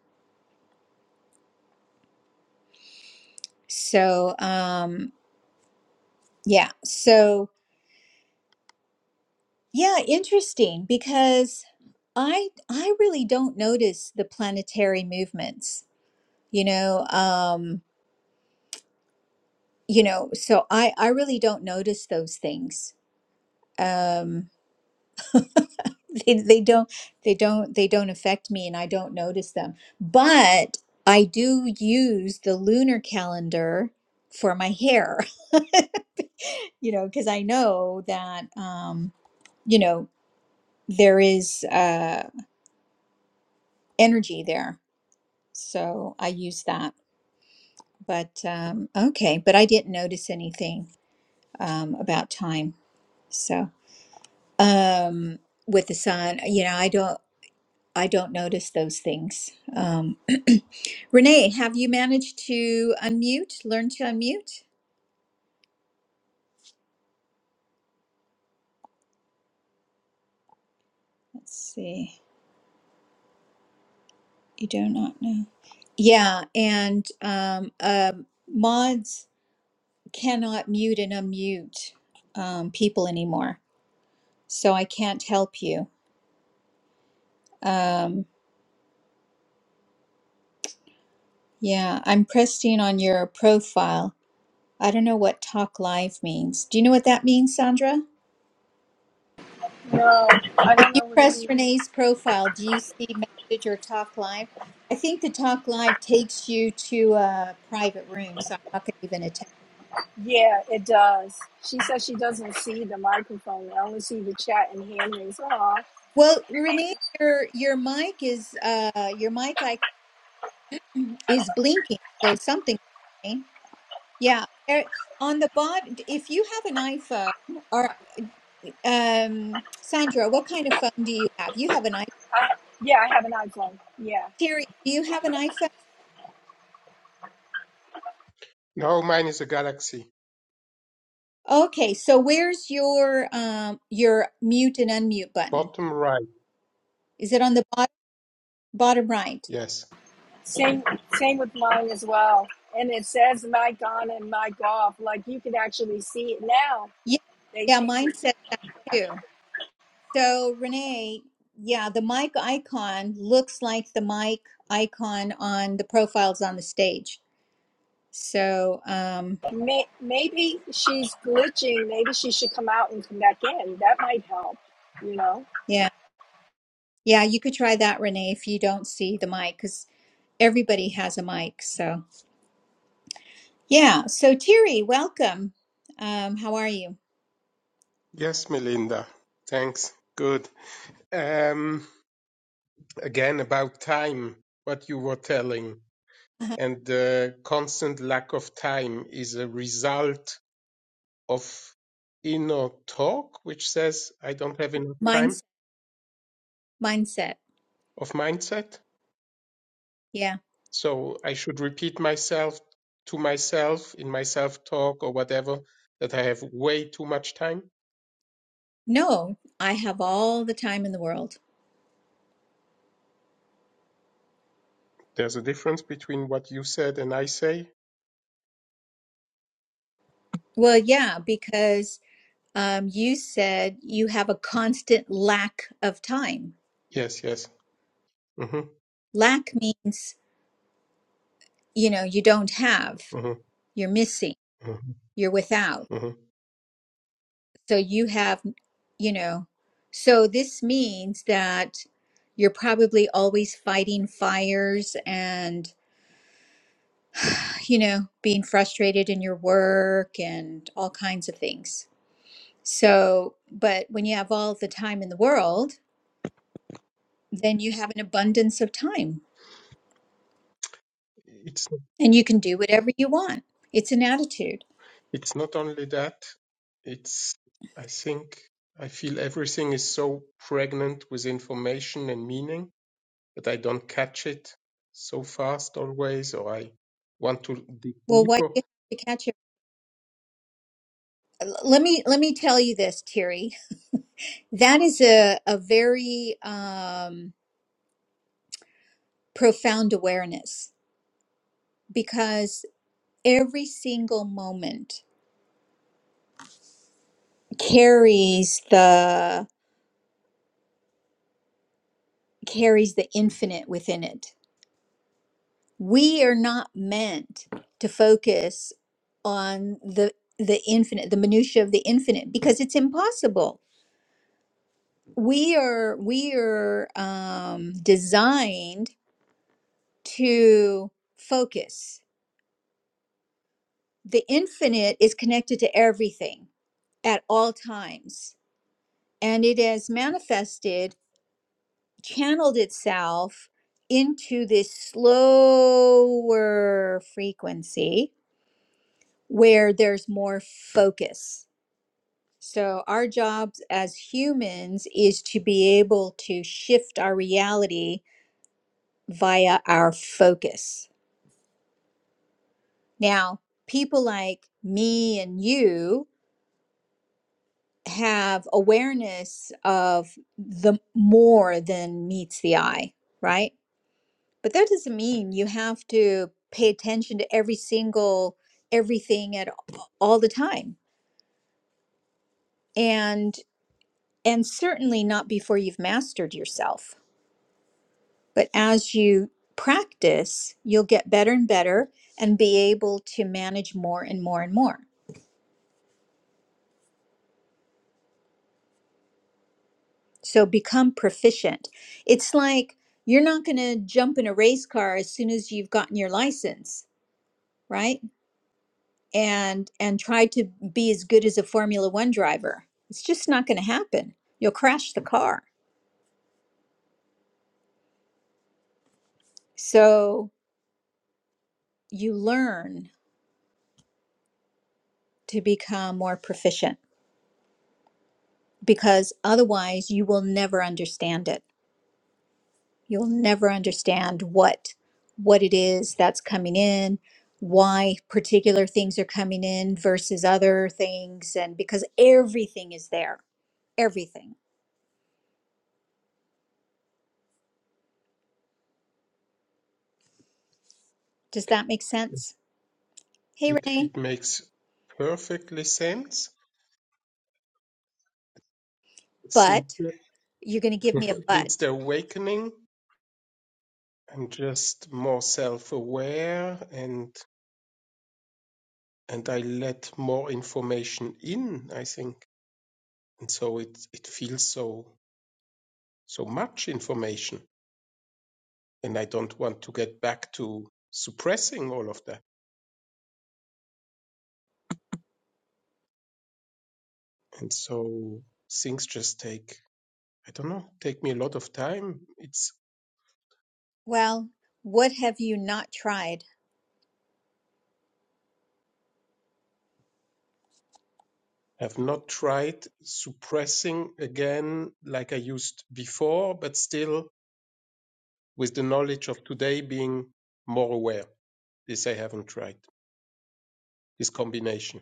S1: So, um, yeah. So, yeah, interesting because I I really don't notice the planetary movements. You know, um, you know, so I I really don't notice those things. Um, they, they don't they don't they don't affect me and I don't notice them. But I do use the lunar calendar for my hair. you know, because I know that, um, you know, there is uh, energy there. So I use that. But um, okay, but I didn't notice anything um, about time. So um, with the sun, you know, I don't. I don't notice those things. Um, Renee, have you managed to unmute, learn to unmute? Let's see. You do not know. Yeah, and um, uh, mods. cannot mute and unmute um, people anymore. So I can't help you. Um, yeah, I'm pressing on your profile. I don't know what talk live means. Do you know what that means, Sandra?
S2: No, I
S1: If
S2: don't
S1: you
S2: know what it
S1: press
S2: means.
S1: Renee's profile, do you see message or talk live? I think the talk live takes you to a private room, so I'm not going to even attempt.
S2: Yeah, it does. She says she doesn't see the microphone. I only see the chat and hand rings. Aw.
S1: Well, Renee, your your mic is uh your mic icon is blinking, so something. Yeah, er, on the bottom. if you have an iPhone or um, Sandra, what kind of phone do you have? You have an iPhone.
S2: I, yeah, I have an iPhone. Yeah.
S1: Terry, do you have an iPhone?
S4: No, mine is a galaxy.
S1: Okay, so where's your um your mute and unmute button?
S4: Bottom right.
S1: Is it on the bottom bottom right?
S4: Yes.
S2: Same same with mine as well. And it says mic on and mic off. Like you can actually see it now.
S1: Yeah,
S2: They
S1: yeah,
S2: changed
S1: mine
S2: it.
S1: says that too. So Renee, yeah, the mic icon looks like the mic icon on the profiles on the stage. So um,
S2: May, maybe she's glitching. Maybe she should come out and come back in. That might help, you know?
S1: yeah. Yeah, you could try that, Renee, if you don't see the mic, because everybody has a mic. So, yeah. So, Terry, welcome. Um, how are you?
S4: Yes, Melinda. Thanks. Good. Um, again, about time, what you were telling, and the constant lack of time is a result of inner talk, which says I don't have enough time
S1: Mindset. Mindset.
S4: of mindset.
S1: Yeah.
S4: So I should repeat myself to myself in my self talk or whatever that I have way too much time.
S1: No, I have all the time in the world.
S4: There's a difference between what you said and I say
S1: Well, yeah, because um, you said you have a constant lack of time.
S4: Yes, yes. hmm
S1: Lack means, you know, you don't have,
S4: hmm
S1: you're missing,
S4: hmm
S1: you're without.
S4: hmm
S1: So you have, you know, so this means that you're probably always fighting fires and, you know, being frustrated in your work and all kinds of things. So, but when you have all the time in the world, then you have an abundance of time
S4: It's
S1: and you can do whatever you want. It's an attitude.
S4: it's not only that. It's I think I feel everything is so pregnant with information and meaning that I don't catch it so fast always, or I want to dig
S1: Well, why do
S4: deeper.
S1: you have to catch it? L- Let me let me tell you this, Terry. That is a a very um, profound awareness because every single moment carries the carries the infinite within it we are not meant to focus on the the infinite the minutia of the infinite because it's impossible we are we are um, designed to focus the infinite is connected to everything at all times and it has manifested channeled itself into this slower frequency where there's more focus. So, our jobs as humans is to be able to shift our reality via our focus. Now, people like me and you have awareness of the more than meets the eye, right? But that doesn't mean you have to pay attention to every single everything at a- all the time. And and certainly not before you've mastered yourself. But as you practice, you'll get better and better and be able to manage more and more and more. So become proficient. It's like you're not going to jump in a race car as soon as you've gotten your license, right? and and try to be as good as a formula 1 driver it's just not going to happen you'll crash the car so you learn to become more proficient because otherwise you will never understand it you'll never understand what what it is that's coming in why particular things are coming in versus other things and because everything is there everything does that make sense hey
S4: It
S1: renee
S4: it makes perfectly sense since
S1: but
S4: the,
S1: you're going to give me a but
S4: since the awakening. I'm just more self-aware and and I let more information in. I think. and so it it feels so so much information and i don't want to get back to suppressing all of that and so things just take i don't know take me a lot of time it's
S1: Well, what have you not tried?
S4: i've not tried suppressing again like i used before but still with the knowledge of today being more aware this i haven't tried this combination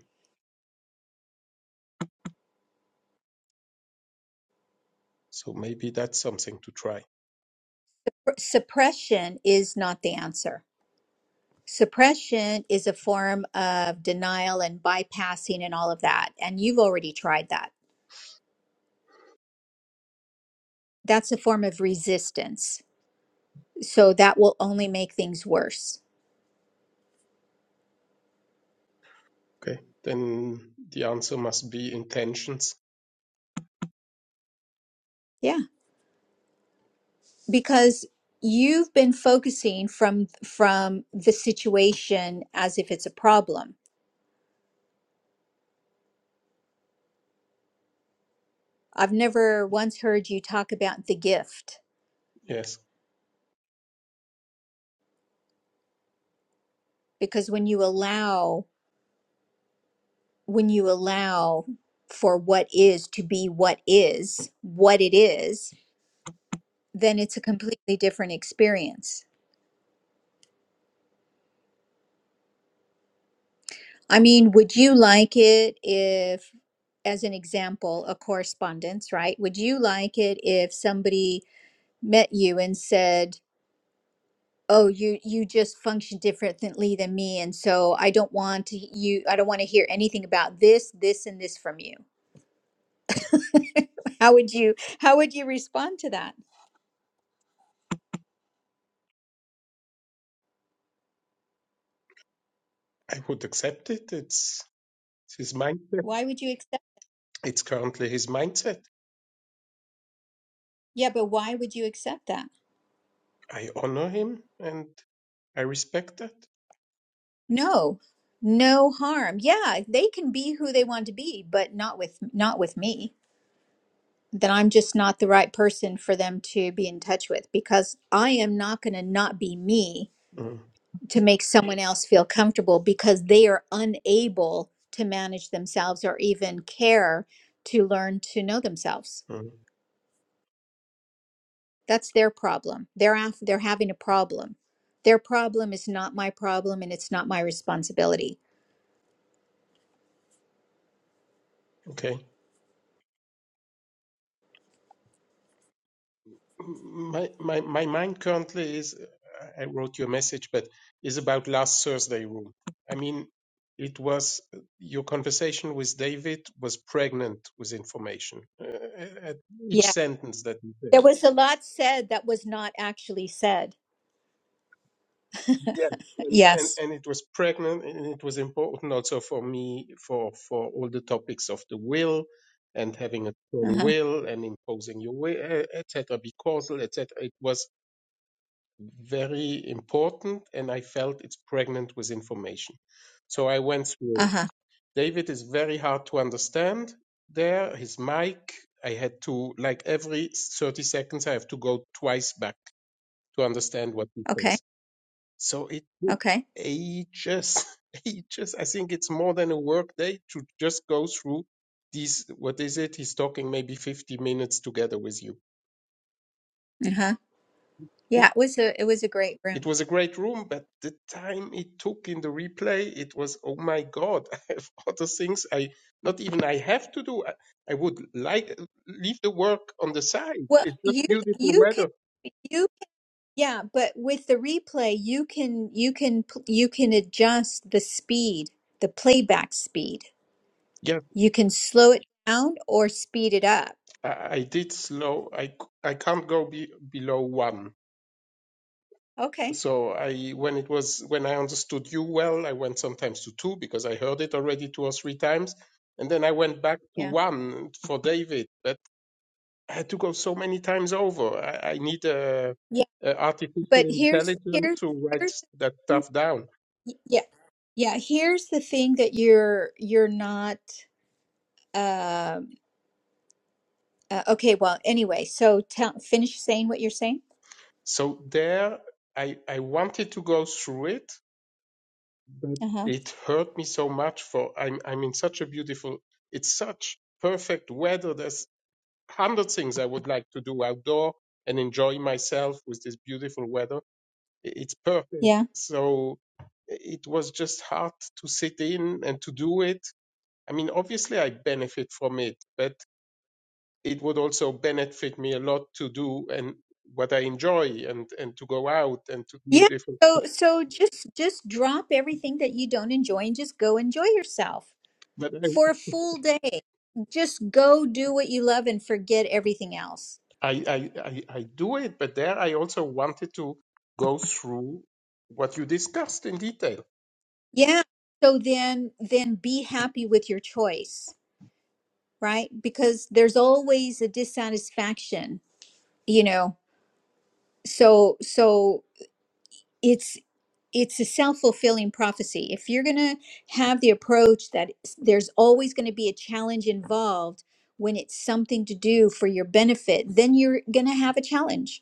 S4: so maybe that's something to try
S1: Suppression is not the answer. Suppression is a form of denial and bypassing and all of that. And you've already tried that. That's a form of resistance. So that will only make things worse.
S4: okay then the answer must be intentions
S1: Yeah. Because you've been focusing from from the situation as if it's a problem. I've never once heard you talk about the gift
S4: yes
S1: because when you allow when you allow for what is to be what is, what it is, then it's a completely different experience. I mean, would you like it if, as an example, a correspondence, right? Would you like it if somebody met you and said, Oh, you you just function differently than me, and so I don't want to, you. I don't want to hear anything about this, this, and this from you. How would you How would you respond to that?
S4: I would accept it. It's, it's his mindset.
S1: Why would you accept?
S4: It's currently his mindset.
S1: Yeah, but why would you accept that?
S4: I honor him and I respect that.
S1: No, no harm. Yeah, they can be who they want to be, but not with not with me. That I'm just not the right person for them to be in touch with because I am not going to not be me
S4: Mm,
S1: to make someone else feel comfortable because they are unable to manage themselves or even care to learn to know themselves.
S4: mm,
S1: That's their problem. They're af- they're having a problem. Their problem is not my problem and it's not my responsibility.
S4: Okay. My, my, my mind currently is, I wrote you a message, but is about last Thursday room. I mean, it was, your conversation with David was pregnant with information. Uh, at each
S1: Yeah,
S4: sentence that you said.
S1: There was a lot said that was not actually said.
S4: yeah and, and
S1: Yes.
S4: and it was pregnant and it was important also for me for for all the topics of the will and having a
S1: Uh
S4: strong
S1: huh.
S4: will and imposing your will eh, etc be causal etc it was very important and i felt it's pregnant with information so i went through
S1: Uh
S4: it
S1: huh.
S4: david is very hard to understand there his mic i had to like every 30 seconds i have to go twice back to understand what he says
S1: Okay.
S4: so it took
S1: Okay.
S4: ages, ages. I think it's more than a work day to just go through these. What is it? He's talking maybe 50 minutes together with you.
S1: Uh huh. Yeah. It was a. It was a great
S4: It
S1: room.
S4: was a great room, but the time it took in the replay, it was, oh my God, I have other things I, not even I have to do. I, I would like, leave the work on the side.
S1: Well,
S4: It's just
S1: you
S4: beautiful
S1: you can
S4: weather.
S1: you yeah, but with the replay, you can you can p- you can adjust the speed, the playback speed.
S4: Yes,
S1: You can slow it down or speed it up.
S4: I, I did slow. I, c- I can't go be, below one
S1: Okay.
S4: So I, when it was, when I understood you well, I went sometimes to two because I heard it already two or three times. And then I went back to
S1: Yeah.
S4: one for David, but I had to go so many times over. I, I need a,
S1: Yeah.
S4: a artificial
S1: But here's here's
S4: intelligence to write
S1: here's the
S4: that
S1: thing-
S4: stuff down.
S1: yeah yeah here's the thing that you're you're not. uh, Uh, okay, well, anyway, so tell, finish saying what you're saying.
S4: So there I, I wanted to go through it, but
S1: Uh-huh.
S4: it hurt me so much for, I'm, I'm in such a beautiful, it's such perfect weather. There's hundred things I would like to do outdoor and enjoy myself with this beautiful weather. I- It's perfect.
S1: Yeah.
S4: So it was just hard to sit in and to do it. I mean, obviously I benefit from it, but it would also benefit me a lot to do and what I enjoy and, and to go out and to do
S1: Yeah.
S4: different.
S1: So so just just drop everything that you don't enjoy and just go enjoy yourself
S4: But I,
S1: for a full day. Just go do what you love and forget everything else.
S4: I, I, I I do it, but there I also wanted to go through what you discussed in detail.
S1: Yeah. So then then be happy with your choice, right? Because there's always a dissatisfaction, you know. So so it's. it's a self-fulfilling prophecy if you're going to have the approach that s- there's always going to be a challenge involved when it's something to do for your benefit then you're going to have a challenge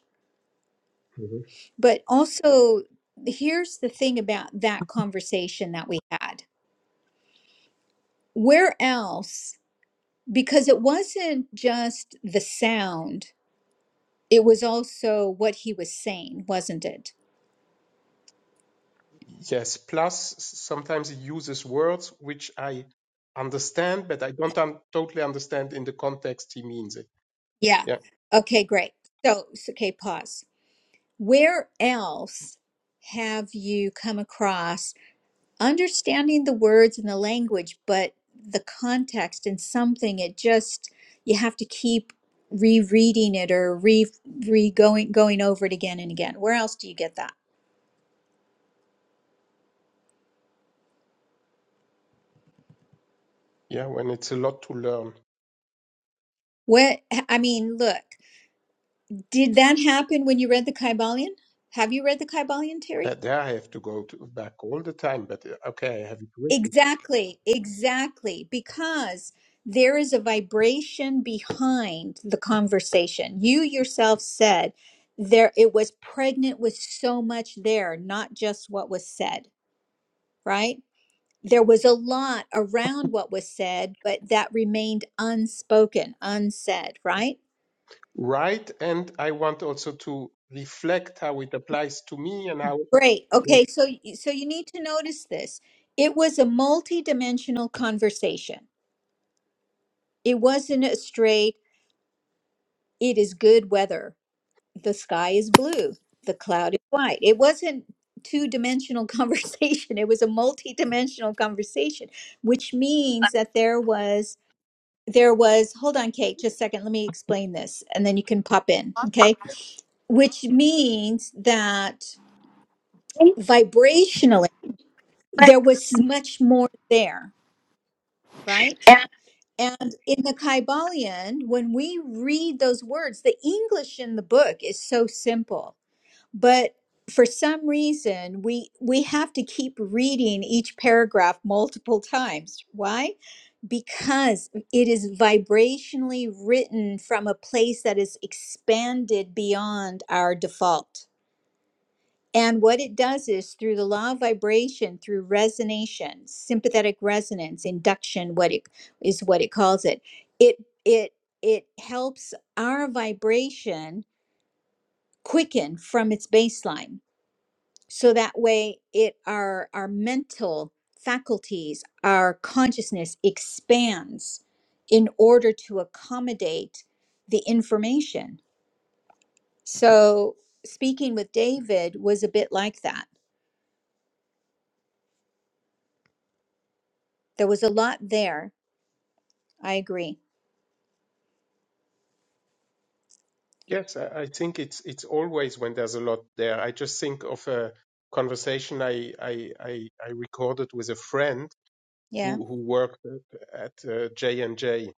S1: but also here's the thing about that conversation that we had where else because it wasn't just the sound it was also what he was saying wasn't it
S4: Yes, plus s- sometimes he uses words which I understand, but I don't un- totally understand in the context he means it.
S1: yeah
S4: Yeah,
S1: okay great so so- okay pause Where else have you come across understanding the words and the language, but the context and something it just you have to keep rereading it or re re going going over it again and again. Where else do you get that?
S4: yeah, when it's a lot to learn.
S1: What I mean, look, did that happen when you read the Kybalion? Have you read the Kybalion, Terry?
S4: Uh, there I have to go to, back all the time, but uh, okay, I have it written.
S1: Exactly, exactly. Because there is a vibration behind the conversation. You yourself said there it was pregnant with so much there, not just what was said, right? There was a lot around what was said, but that remained unspoken, unsaid, right?
S4: Right, and I want also to reflect how it applies to me and how.
S1: Great.
S4: mm,
S1: Okay, so y- so you need to notice this. It was a multi-dimensional conversation. It wasn't a straight it is good weather the sky is blue, the cloud is white. It wasn't two dimensional conversation, it was a multi dimensional conversation, which means that there was there was hold on kate just a second let me explain this and then you can pop in okay which means that vibrationally there was much more there right and in the kybalion when we read those words the english in the book is so simple but for some reason we we have to keep reading each paragraph multiple times why because it is vibrationally written from a place that is expanded beyond our default and what it does is through the law of vibration through resonation sympathetic resonance induction what it is what it calls it it it it helps our vibration quicken from its baseline so that way it our our mental faculties our consciousness expands in order to accommodate the information so speaking with david was a bit like that there was a lot there i agree
S4: Yes, I, I think it's it's always when there's a lot there. I just think of a conversation I I I, I recorded with a friend
S1: yeah
S4: who, who worked at uh, J&J. And J.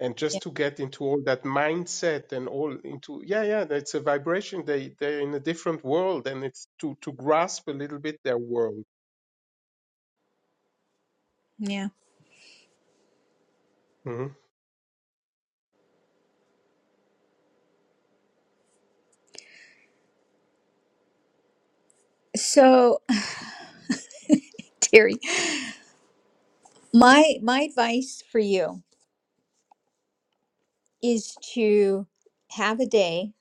S4: And
S1: yeah
S4: just to get into all that mindset and all into, yeah, yeah, that's a vibration. They, they're in a different world and it's to, to grasp a little bit their world
S1: yeah
S4: hmm
S1: so terry my my advice for you is to have a day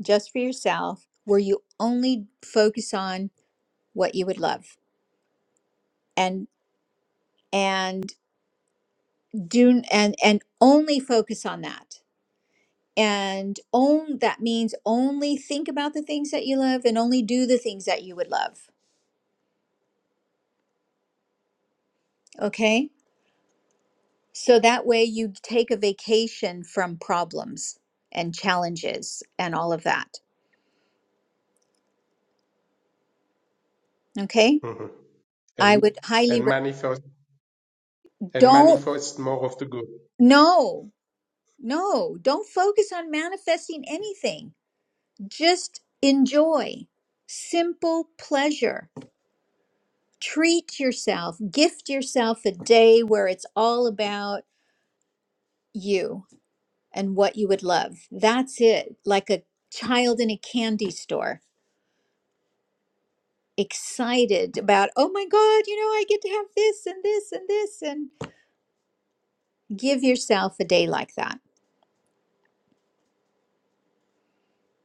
S1: just for yourself where you only focus on what you would love and. and do and and only focus on that and own that means only think about the things that you love and only do the things that you would love okay so that way you take a vacation from problems and challenges and all of that okay
S4: hmm
S1: i
S4: and,
S1: would highly
S4: and
S1: re-
S4: manifest, and
S1: don't
S4: manifest more of the good.
S1: no no don't focus on manifesting anything just enjoy simple pleasure treat yourself, gift yourself a day where it's all about you and what you would love. That's it. Like a child in a candy store, excited about, oh my God, you know, I get to have this and this and this. And give yourself a day like that.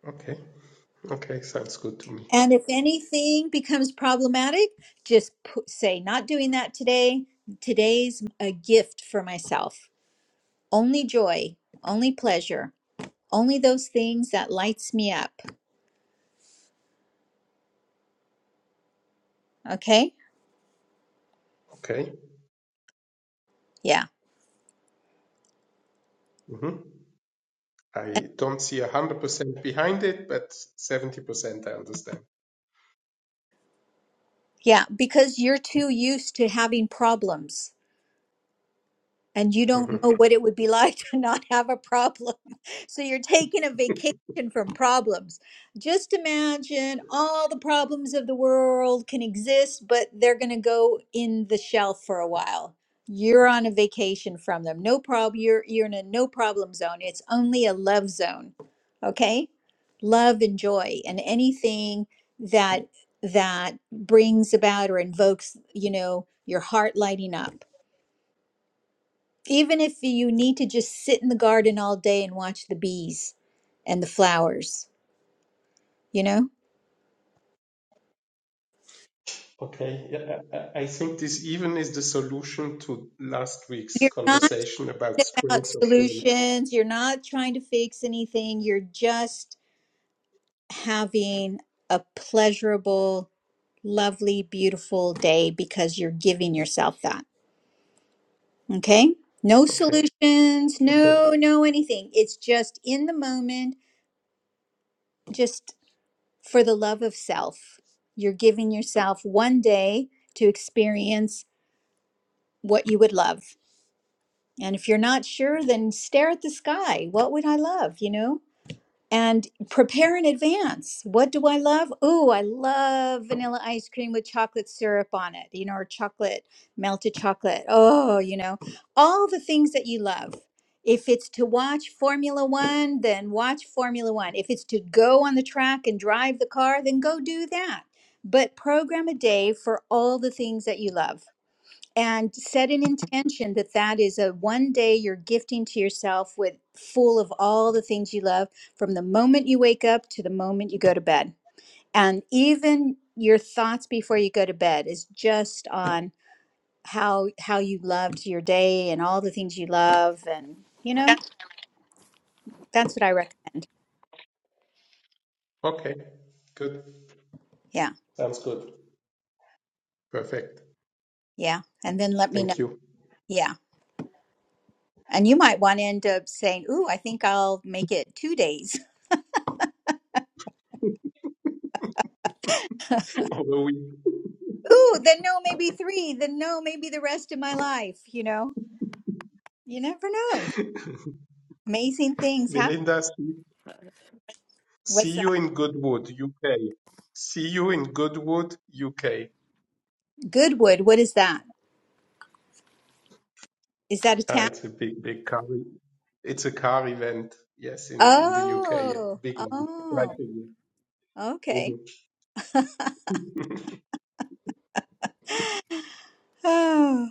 S4: Okay. Okay. Sounds good to me.
S1: And if anything becomes problematic, just put, say, not doing that today. Today's a gift for myself. Only joy, only pleasure, only those things that lights me up. Okay?
S4: Okay.
S1: Yeah.
S4: hmm I don't see a hundred percent behind it, but 70% I understand.
S1: Yeah. Because you're too used to having problems. and you don't
S4: hmm
S1: know what it would be like to not have a problem. So you're taking a vacation from problems. Just imagine all the problems of the world can exist, but they're going to go in the shelf for a while. You're on a vacation from them. No problem. You're you're in a no problem zone. It's only a love zone. Okay? Love and joy and anything that that brings about or invokes, you know, your heart lighting up even if you need to just sit in the garden all day and watch the bees and the flowers, you know?
S4: Okay. Yeah, I I- think this even is the solution to last week's
S1: You're not
S4: conversation about
S1: about
S4: strengths of will.
S1: solutions, you're not trying to fix anything, you're just having a pleasurable, lovely, beautiful day because you're giving yourself that. Okay? No
S4: Okay.
S1: solutions,
S4: Okay.
S1: no, no anything. It's just in the moment, just for the love of self. You're giving yourself one day to experience what you would love. And if you're not sure, then stare at the sky. What would I love, you know? And prepare in advance. What do I love? Oh, I love vanilla ice cream with chocolate syrup on it, you know, or chocolate, melted chocolate. Oh, you know, all the things that you love. If it's to watch Formula One, then watch Formula One. If it's to go on the track and drive the car, then go do that. But program a day for all the things that you love and set an intention that that is a one day you're gifting to yourself with full of all the things you love from the moment you wake up to the moment you go to bed and even your thoughts before you go to bed is just on how how you loved your day and all the things you love and you know that's what i recommend
S4: Okay. Good.
S1: yeah
S4: Sounds good. Perfect.
S1: yeah and then let me know
S4: Thank you.
S1: yeah and you might want to end up saying ooh i think i'll make it two days
S4: Although we,
S1: ooh, then no, maybe three, then no, maybe the rest of my life, you know? You never know. Amazing things happen.
S4: Belinda, see, see
S1: What's
S4: you
S1: that?
S4: in Goodwood, UK. See you in Goodwood, UK.
S1: Goodwood, what is that? Is that a
S4: Ah,
S1: town?
S4: it's a big, big car. e- It's a car event. Yes, in, in the UK,
S1: Oh,
S4: big one. Right.
S1: oh,
S4: hmm
S1: okay. Oh.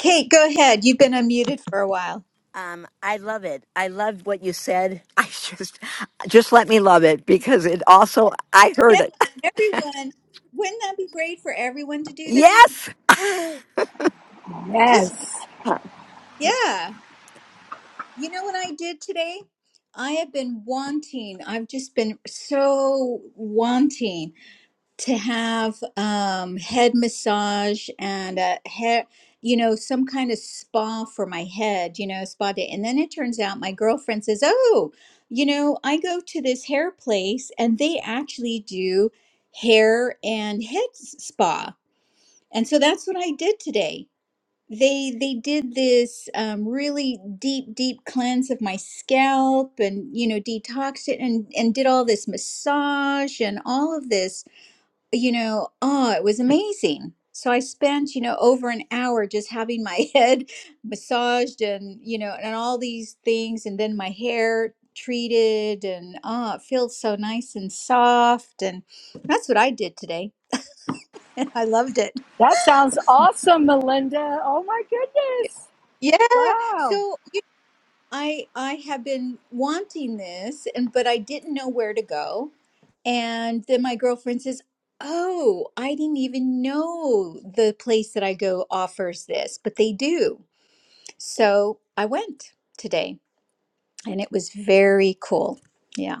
S1: Kate, go ahead. You've been unmuted for a while.
S3: Um, I love it. I loved what you said. I just, just let me love it because it also I heard
S1: Yeah,
S3: it.
S1: everyone. Wouldn't that be great for everyone to do that?
S3: Yes.
S1: Just,
S2: Yes.
S1: yeah. You know what I did today? I have been wanting, I've just been so wanting to have um, head massage and a hair, you know, some kind of spa for my head, you know, spa day. And then it turns out my girlfriend says, Oh, you know, I go to this hair place and they actually do hair and head s- spa. And so that's what I did today. They they did this um, really deep deep cleanse of my scalp and you know detoxed it and and did all this massage and all of this you know, oh, it was amazing. So I spent, you know, over an hour just having my head massaged and, you know, and all these things and then my hair treated and oh, it feels so nice and soft and that's what I did today. And I loved it.
S2: That sounds awesome, Melinda. Oh my goodness.
S1: Yeah.
S2: Wow.
S1: So I I have been wanting this and but I didn't know where to go. And then my girlfriend says, "Oh, I didn't even know the place that I go offers this, but they do." So, I went today and it was very cool. Yeah.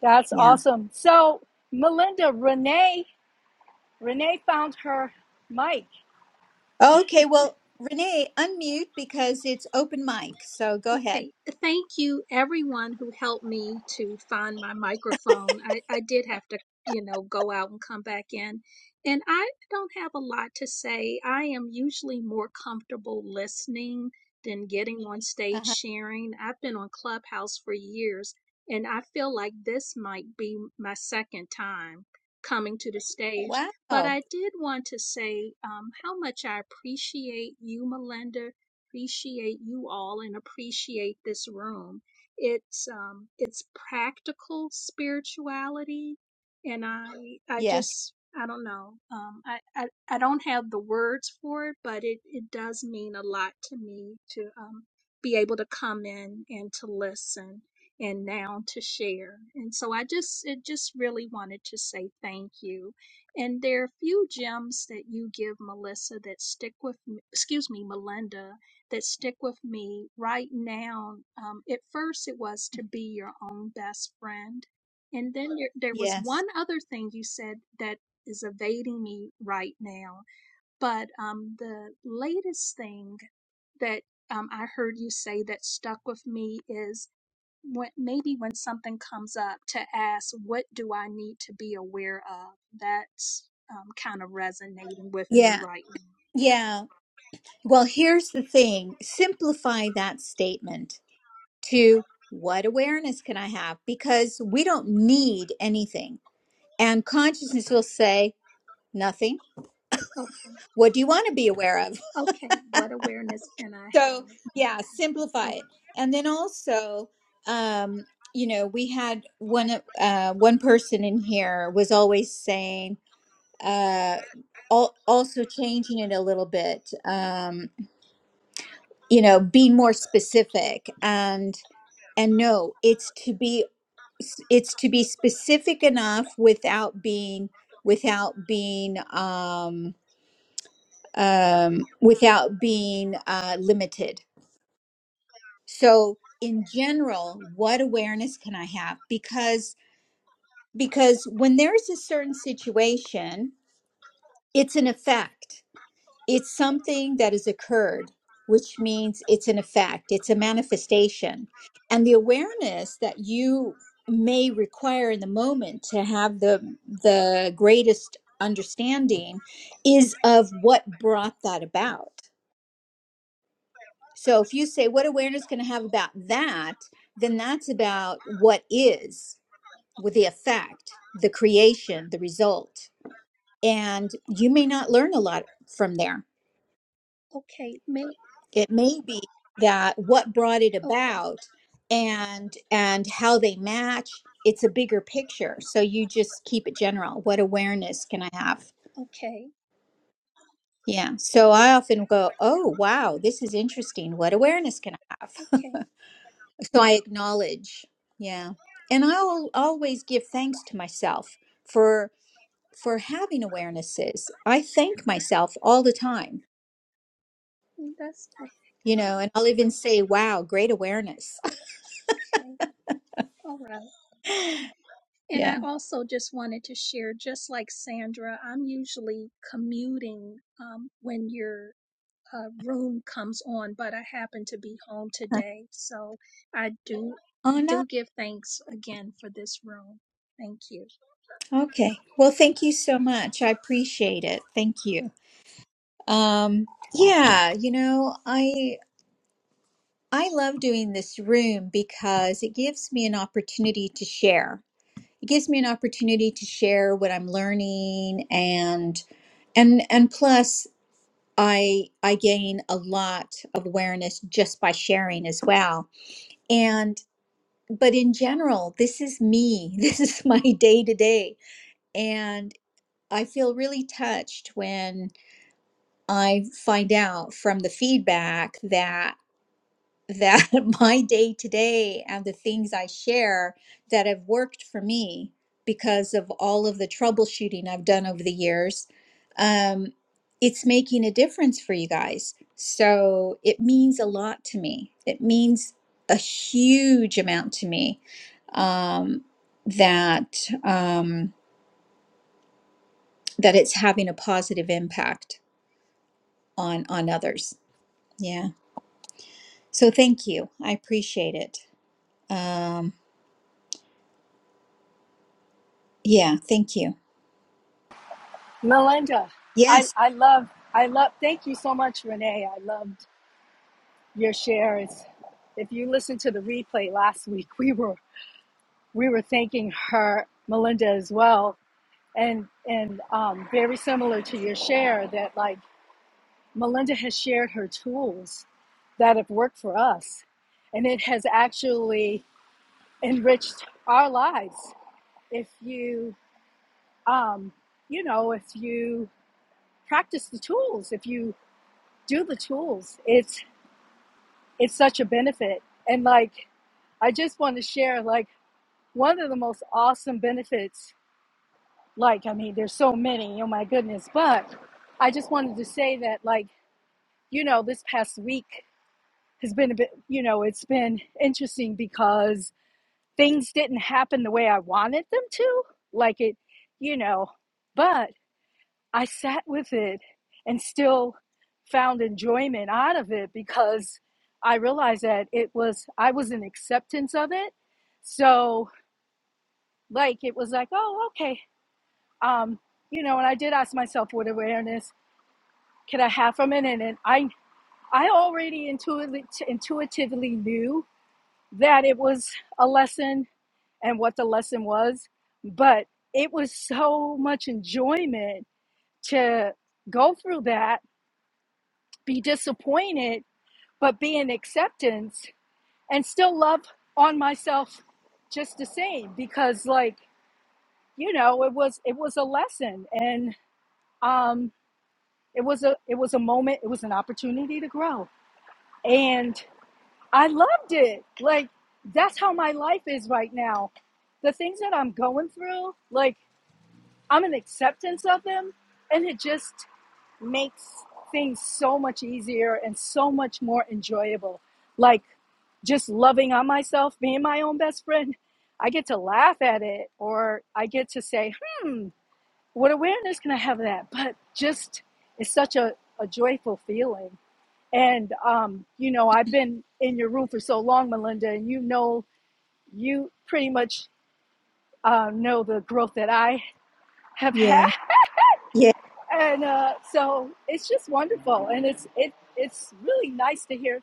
S2: That's
S1: Yeah.
S2: awesome. So, Melinda, Renee, Renee found her mic.
S1: Okay, well, Renee, unmute because it's open mic. So, go ahead.
S5: Okay, thank you everyone who helped me to find my microphone. I, I did have to, you know, go out and come back in. And I don't have a lot to say. I am usually more comfortable listening than getting on stage
S1: Uh-huh.
S5: sharing. I've been on Clubhouse for years, and I feel like this might be my second time coming to the stage. But
S1: Wow.
S5: I did want to say um, how much I appreciate you, Melinda, appreciate you all and appreciate this room. It's um, it's practical spirituality, and I I
S1: Yes.
S5: just I don't know. Um, I, I I don't have the words for it, but it it does mean a lot to me to um, be able to come in and to listen and now to share. And so I just it just really wanted to say thank you. And there are a few gems that you give Melissa that stick with me, excuse me, Melinda that stick with me right now. Um, at first, it was to be your own best friend. And then there, there was
S1: Yes.
S5: one other thing you said that is evading me right now. But um, the latest thing that um, I heard you say that stuck with me is when, maybe when something comes up to ask, what do I need to be aware of? That's um, kind of resonating with me
S1: Yeah.
S5: right now.
S1: Yeah. Well, here's the thing simplify that statement to what awareness can I have? Because we don't need anything. And consciousness will say, nothing.
S5: Okay.
S1: What do you want to be aware of?
S5: Okay. What awareness can I
S1: So,
S5: have?
S1: yeah, simplify
S5: Oh,
S1: it. And then also, um, you know, we had one uh, one person in here was always saying, uh, al- also changing it a little bit. Um, you know be more specific and and no it's to be it's to be specific enough without being without being um um without being uh limited so in general what awareness can i have because because when there's a certain situation it's an effect It's something that has occurred, which means it's an effect, it's a manifestation. And the awareness that you may require in the moment to have the the greatest understanding is of what brought that about. So if you say what awareness can I have about that, then that's about what is with the effect, the creation, the result. And you may not learn a lot from there
S5: okay. May
S1: it may be that what brought it
S5: okay.
S1: about and and how they match it's a bigger picture so you just keep it general what awareness can i have
S5: Okay.
S1: yeah so i often go oh wow this is interesting what awareness can i have
S5: Okay.
S1: so i acknowledge yeah and i'll always give thanks to myself for for having awarenesses i thank myself all the time
S5: mm, That's
S1: you know and i'll even say wow great awareness
S5: okay. All right. And
S1: yeah
S5: I also just wanted to share, just like Sandra, I'm usually commuting um, when your uh, room comes on, but I happen to be home today, so I do
S1: oh no
S5: do give thanks again for this room. Thank you.
S1: Okay. Well, thank you so much. I appreciate it. Thank you. Um, yeah, you know, I I love doing this room because it gives me an opportunity to share. It gives me an opportunity to share what I'm learning and and and plus I I gain a lot of awareness just by sharing as well. And but in general, this is me. This is my day to day. And I feel really touched when I find out from the feedback that that my day to day and the things I share that have worked for me because of all of the troubleshooting I've done over the years, um, it's making a difference for you guys. So it means a lot to me. It means a huge amount to me um, that um, that it's having a positive impact on on others. Yeah. So thank you. I appreciate it. Um, yeah, thank you.
S2: Melinda, I,
S1: Yes.
S2: I love, I love, thank you so much, Renee. I loved your shares. If you listened to the replay last week, we were, we were thanking her, Melinda, as well. And, and um, very similar to your share that like, Melinda has shared her tools that have worked for us, and it has actually enriched our lives. If you, um, you know, if you practice the tools, if you do the tools, it's it's such a benefit. And like, I just want to share like one of the most awesome benefits. Like, I mean, there's so many. Oh my goodness! But I just wanted to say that like, you know, this past week. has been a bit, you know, it's been interesting because things didn't happen the way I wanted them to. Like it, you know, but I sat with it and still found enjoyment out of it because I realized that it was, I was in acceptance of it. So, like, it was like, oh, okay. Um, you know, and I did ask myself, what awareness can I have from it? And, and I, I already intuitively, intuitively knew that it was a lesson and what the lesson was, but it was so much enjoyment to go through that, be disappointed, but be in acceptance and still love on myself just the same because like you know it was it was a lesson and um it was a it was a moment it was an opportunity to grow and. I loved it. Like that's how my life is right now. The things that I'm going through, like I'm in acceptance of them and it just makes things so much easier and so much more enjoyable. Like just loving on myself, being my own best friend. I get to laugh at it or I get to say, "Hmm, what awareness can I have of that?" But just it's such a a joyful feeling. And um, you know, I've been in your room for so long, Melinda, and you know, you pretty much uh, know the growth that I have had,
S1: Yeah. Yeah.
S2: and uh, so it's just wonderful, and it's it it's really nice to hear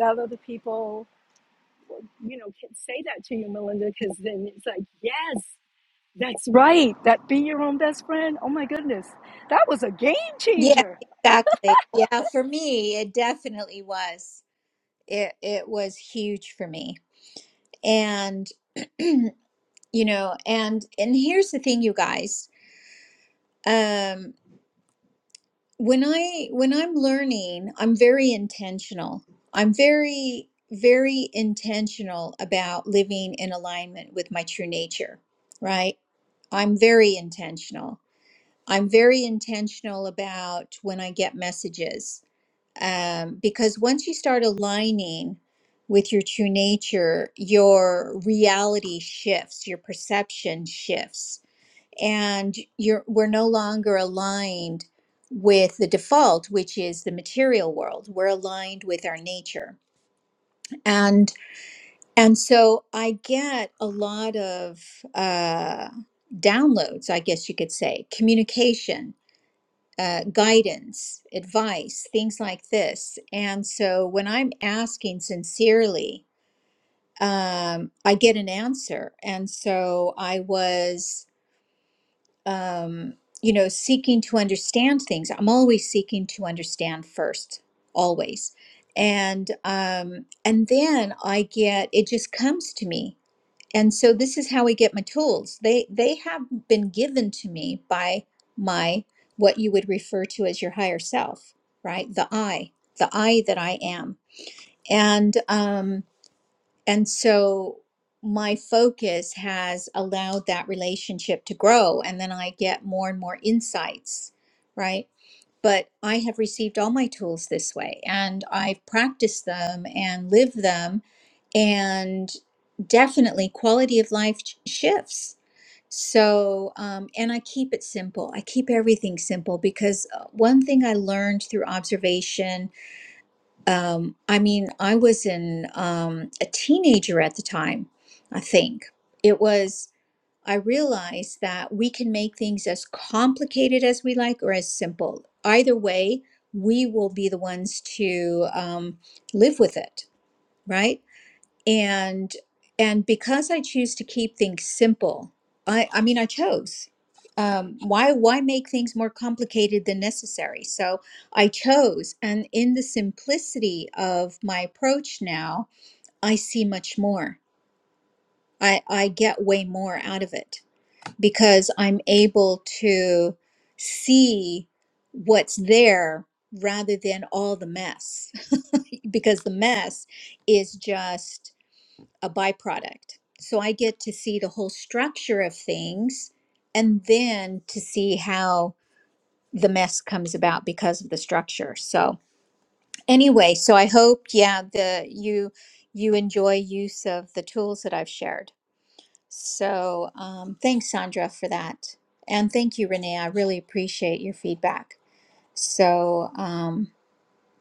S2: that other people, you know, can say that to you, Melinda, because then it's like, yes, that's right, that be your own best friend. Oh my goodness, that was a game
S1: Yeah,
S2: changer.
S1: exactly. Yeah, for me, it definitely was. It it was huge for me. And you know, and and here's the thing, you guys. Um when i when i'm learning i'm very intentional i'm very very intentional about living in alignment with my true nature right i'm very intentional i'm very intentional about when i get messages um, because once you start aligning with your true nature your reality shifts your perception shifts and you're we're no longer aligned with the default which is the material world we're aligned with our nature and and so i get a lot of uh downloads i guess you could say communication uh, guidance advice things like this and so when i'm asking sincerely um, i get an answer and so i was um, you know, seeking to understand things. I'm always seeking to understand first, always. And um, and then I get it just comes to me. And so this is how I get my tools. They they have been given to me by my what you would refer to as your higher self, right? The I, the I that I am. And um and so my focus has allowed that relationship to grow. And then I get more and more insights, right? But I have received all my tools this way and I've practiced them and lived them. And definitely quality of life ch- shifts. So, um, and I keep it simple. I keep everything simple because uh, one thing I learned through observation um, I mean, I was in um, a teenager at the time, I think. It was, I realized that we can make things as complicated as we like or as simple. Either way, we will be the ones to um, live with it, right? and and because i choose to keep things simple i i mean i chose um why why make things more complicated than necessary so i chose and in the simplicity of my approach now i see much more i i get way more out of it because i'm able to see what's there rather than all the mess because the mess is just a byproduct. So I get to see the whole structure of things and then to see how the mess comes about because of the structure. So anyway, so I hope yeah the you you enjoy use of the tools that I've shared. So um, thanks Sandra for that. And thank you Renee. I really appreciate your feedback. So um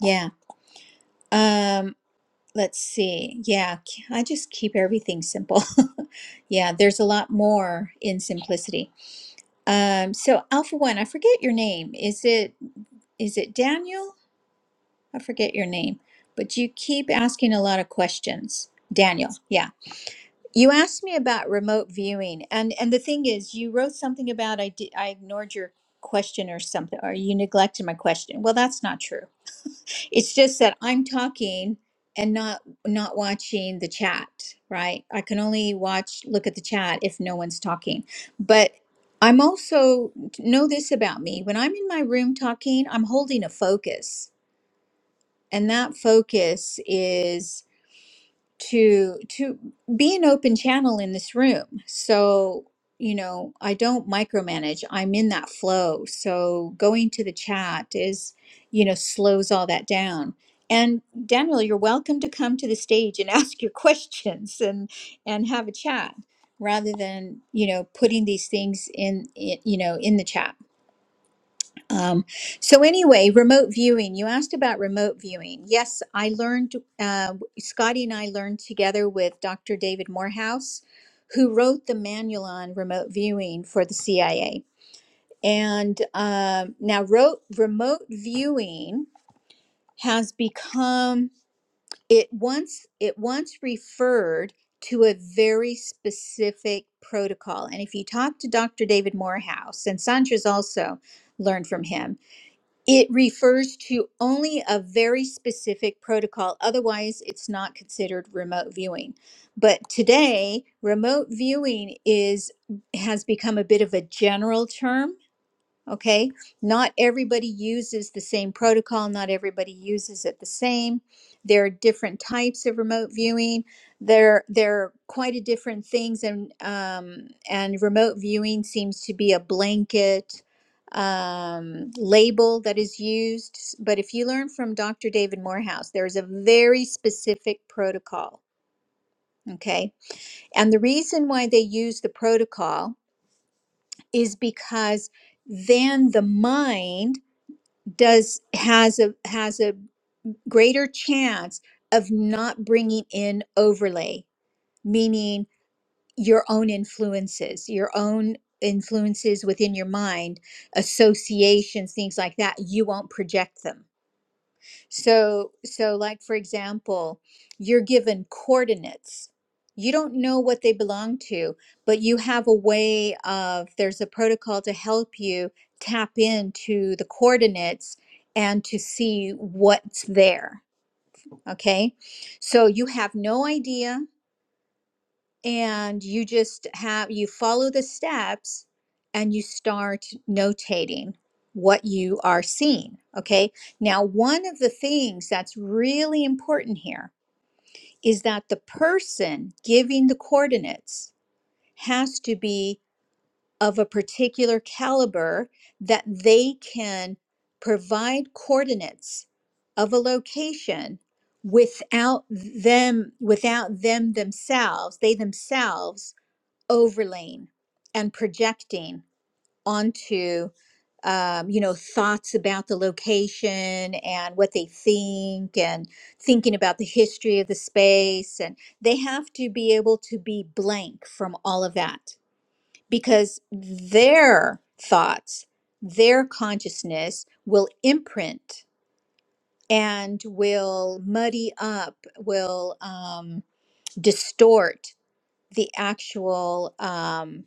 S1: yeah. Um let's see. Yeah, I just keep everything simple. Yeah, there's a lot more in simplicity. Um, so Alpha One, I forget your name. Is it is it Daniel? I forget your name, but you keep asking a lot of questions. Daniel, yeah. You asked me about remote viewing, and and the thing is, you wrote something about I did I ignored your question or something, or you neglected my question. Well, that's not true. It's just that I'm talking and not not watching the chat, right? I can only watch look at the chat if no one's talking. But I'm also know this about me. When I'm in my room talking, I'm holding a focus. And that focus is to to be an open channel in this room so you know i don't micromanage i'm in that flow so going to the chat is you know slows all that down and daniel you're welcome to come to the stage and ask your questions and and have a chat rather than you know putting these things in i- you know in the chat um, so anyway, remote viewing. You asked about remote viewing. Yes, I learned. Uh, Scotty and I learned together with Dr. David Morehouse, who wrote the manual on remote viewing for the CIA. And um, now, wrote, remote viewing has become it once it once referred to a very specific protocol. And if you talk to Dr. David Morehouse and Sandra's also learned from him it refers to only a very specific protocol. Otherwise, it's not considered remote viewing. But today, remote viewing is has become a bit of a general term Okay. Not everybody uses the same protocol. Not everybody uses it the same. There are different types of remote viewing. There, there are quite a different things, and um, and remote viewing seems to be a blanket um, label that is used. S- But if you learn from Dr. David Morehouse, there is a very specific protocol. Okay, and the reason why they use the protocol is because then the mind does has a has a greater chance of not bringing in overlay meaning your own influences your own influences within your mind associations things like that you won't project them so, so like for example, you're given coordinates. You don't know what they belong to, but you have a way of, there's a protocol to help you tap into the coordinates and to see what's there. Okay. So you have no idea and you just have you follow the steps and you start notating what you are seeing okay now one of the things that's really important here is that the person giving the coordinates has to be of a particular caliber that they can provide coordinates of a location without them without them themselves they themselves overlaying and projecting onto um, you know thoughts about the location and what they think and thinking about the history of the space and they have to be able to be blank from all of that because their thoughts their consciousness will imprint and will muddy up will um, distort the actual um,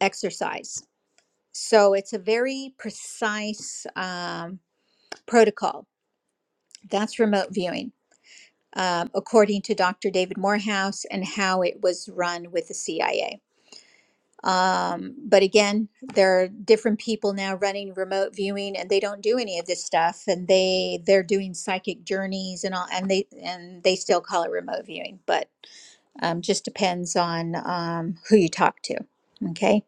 S1: exercise So it's a very precise um, protocol. That's remote viewing, um, according to Dr. David Morehouse and how it was run with the CIA. Um, but again, there are different people now running remote viewing, and they don't do any of this stuff, and they they're doing psychic journeys and all, and they and they still call it remote viewing, but um, just depends on um, who you talk to. Okay,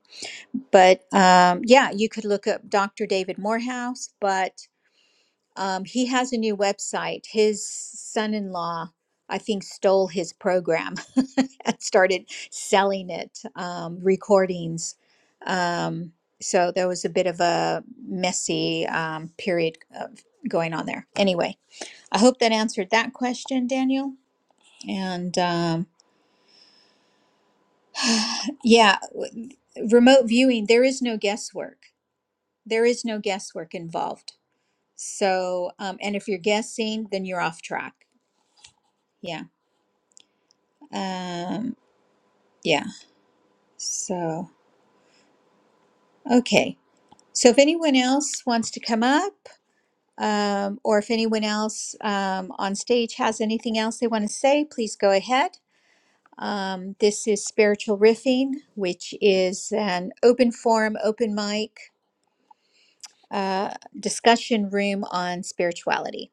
S1: but um, yeah, you could look up Dr. David Morehouse, but Um, he has a new website. His son in law, I think, stole his program and started selling it, um, recordings. Um, so there was a bit of a messy um, period of going on there. Anyway, I hope that answered that question, Daniel. And um, yeah, w- remote viewing, there is no guesswork. There is no guesswork involved. So, um, and if you're guessing, then you're off track. Yeah. Um, yeah. So, okay. So if anyone else wants to come up, um, or if anyone else um, on stage has anything else they want to say, please go ahead. Um, this is Spiritual Riffing, which is an open forum, open mic uh, discussion room on spirituality.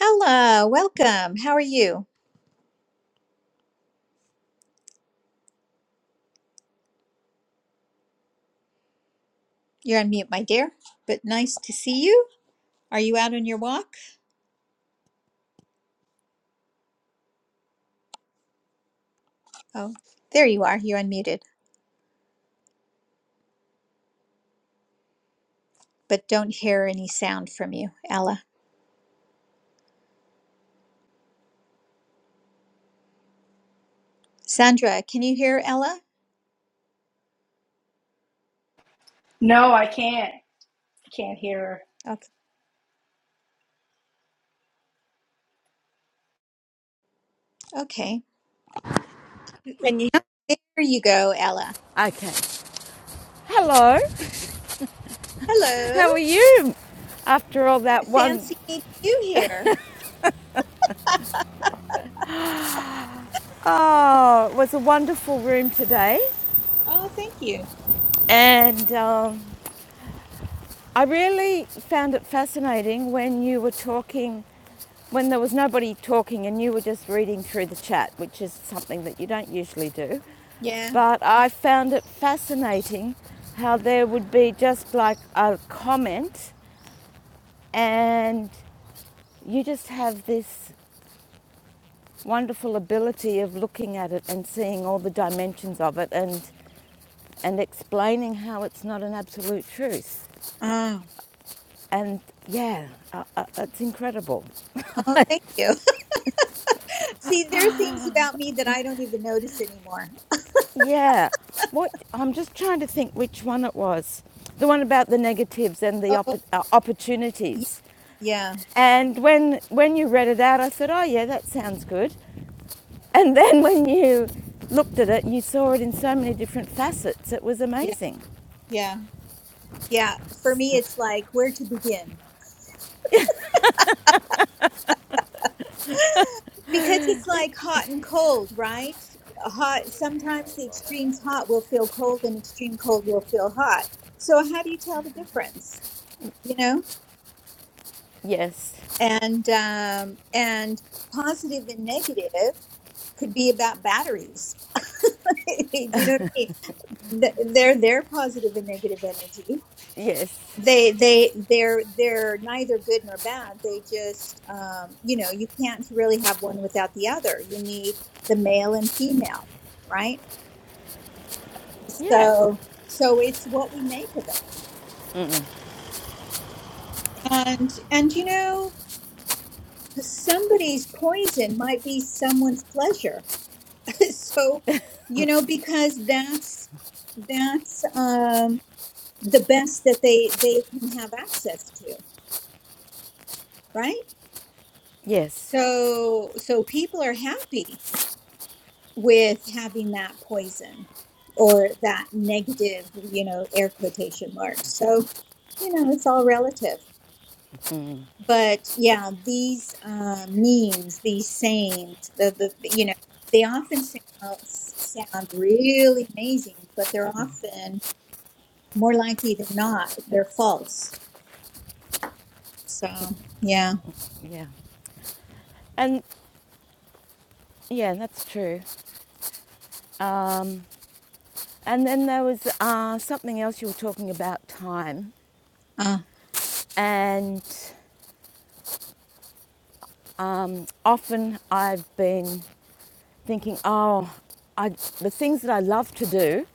S1: Hello, welcome. How are you? You're on mute, my dear, but nice to see you. Are you out on your walk? Oh, there you are. You're unmuted. but don't hear any sound from you, Ella. Sandra, can you hear Ella?
S2: No, I can't, can't hear her.
S1: Okay. okay.
S6: Can you?
S1: There you go, Ella.
S6: Okay. Hello.
S1: Hello.
S6: How are you? After all that one,
S1: Fancy meeting you here.
S6: oh, it was a wonderful room today,
S1: Oh, thank you.
S6: and um, I really found it fascinating when you were talking, when there was nobody talking and you were just reading through the chat, which is something that you don't usually do.
S1: Yeah.
S6: But I found it fascinating how there would be just like a comment, and you just have this wonderful ability of looking at it and seeing all the dimensions of it and and explaining how it's not an absolute truth
S1: Oh.
S6: and yeah uh, uh, it's incredible
S1: Oh, thank you. See, there are things about me that I don't even notice anymore.
S6: yeah what i'm just trying to think which one it was the one about the negatives and the
S1: Oh,
S6: oppo- uh,
S1: y-
S6: opportunities
S1: yeah.
S6: and when when you read it out i said oh yeah that sounds good and then when you looked at it you saw it in so many different facets it was
S1: Yeah.
S6: amazing
S1: Yeah. Yeah. For me, it's like where to begin. Because it's like hot and cold, right? Hot, sometimes the extremes hot will feel cold and extreme cold will feel hot. So how do you tell the difference? You know?
S6: yes
S1: And um and positive and negative could be about batteries. do you know what I mean? Th- They're they're positive and negative energy.
S6: yes
S1: They they they're they're neither good nor bad. They just um you know, you can't really have one without the other. You need the male and female right?
S6: yeah.
S1: so so it's what we make of it and and you know somebody's poison might be someone's pleasure so you know because that's that's um the best that they they can have access to right
S6: Yes.
S1: so so people are happy with having that poison or that negative you know air quotation marks so you know it's all relative
S6: Mm,
S1: but yeah, these uh, memes, these sayings, the, the you know, they often sound, sound really amazing, but they're often more likely than not they're false. So yeah,
S6: yeah. And yeah, that's true. Um, and then there was uh, something else you were talking about time.
S1: uh,
S6: And um, often I've been thinking, oh, I, the things that I love to do,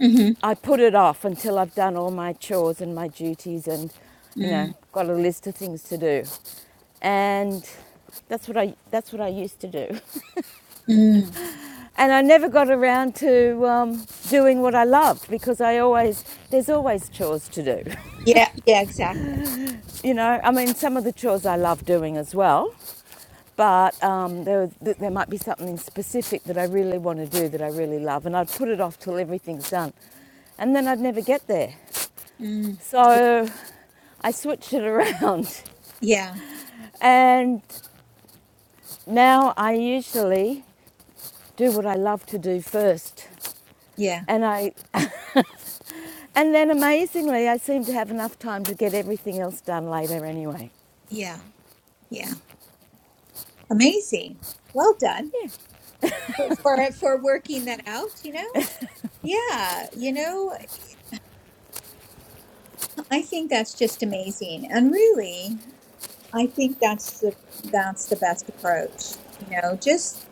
S1: hmm
S6: I put it off until I've done all my chores and my duties and, you
S1: mm,
S6: know, got a list of things to do. And that's what I, that's what I used to do.
S1: mm.
S6: And I never got around to um, doing what I loved because I always, there's always chores to do.
S1: yeah, yeah, exactly.
S6: You know, I mean, some of the chores I love doing as well, but um, there, there might be something specific that I really want to do that I really love, and I'd put it off till everything's done. And then I'd never get there.
S1: Mm, yeah,
S6: So I switched it around.
S1: yeah,
S6: And now I usually do what I love to do first.
S1: yeah,
S6: And I And then amazingly, I seem to have enough time to get everything else done later anyway.
S1: yeah, yeah. Amazing. Well done for for for working that out. You know. Yeah, you know, I think that's just amazing. And really, I think that's the that's the best approach. You know, just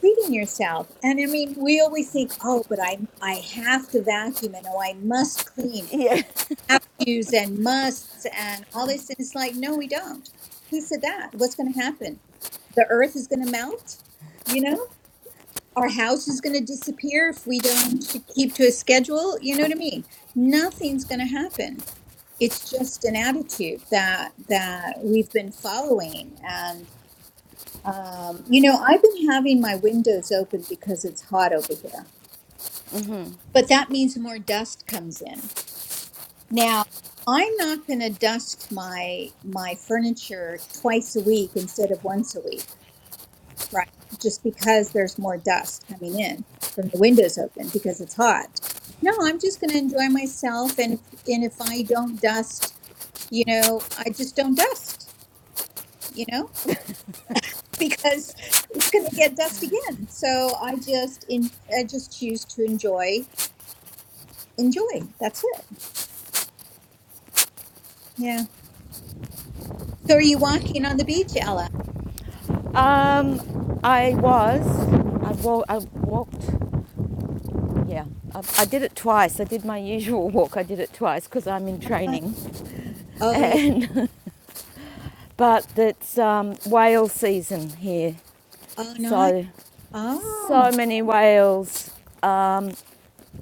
S1: treating yourself. And I mean, we always think, oh, but I I have to vacuum and oh, I must clean,
S6: Yeah.
S1: have to's and musts and all this. And it's like, no, we don't. Who said that? What's going to happen? The earth is going to melt. You know? our house is going to disappear if we don't keep to a schedule. You know what I mean? Nothing's going to happen. It's just an attitude that that we've been following, and um, you know, I've been having my windows open because it's hot over here, but that means more dust comes in. Now, I'm not going to dust my my furniture twice a week instead of once a week Right. Just because there's more dust coming in from the windows open because it's hot. No, I'm just going to enjoy myself and if, and if I don't dust, you know, I just don't dust, you know? Because it's going to get dust again. So I just in I just choose to enjoy enjoy. That's it. Yeah. So are you walking on the beach, Ella?
S6: Um, I was, I, wa- I walked, yeah, I, I did it twice. I did my usual walk, I did it twice because I'm in
S1: Huh.
S6: training.
S1: Oh yeah.
S6: And, but it's um, whale season here.
S1: Oh nice.
S6: So, so
S1: Oh.
S6: many whales. Um,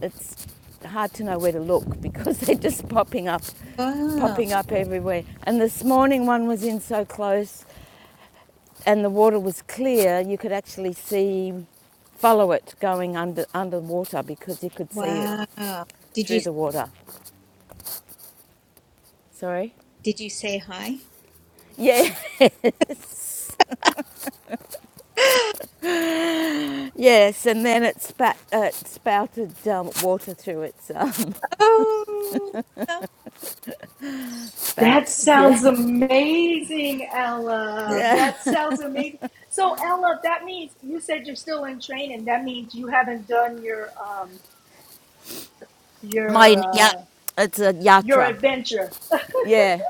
S6: it's hard to know where to look because they're just popping up
S1: Oh.
S6: popping up everywhere. And this morning one was in so close and the water was clear, you could actually see, follow it going under underwater because you could see it
S1: Wow. Did
S6: through
S1: you
S6: the water. Sorry.
S1: did you say hi?
S6: Yeah, yes, and then it, spat, uh, it spouted um, water through its um,
S1: Oh,
S2: That
S6: spout. Yeah,
S2: sounds amazing,
S1: yeah,
S2: Ella. That sounds amazing. So, Ella, that means you said you're still in training. That means you haven't done your um
S6: my
S2: your
S6: yeah,
S2: uh
S6: it's a
S2: your
S6: yatra.
S2: adventure.
S6: Yeah,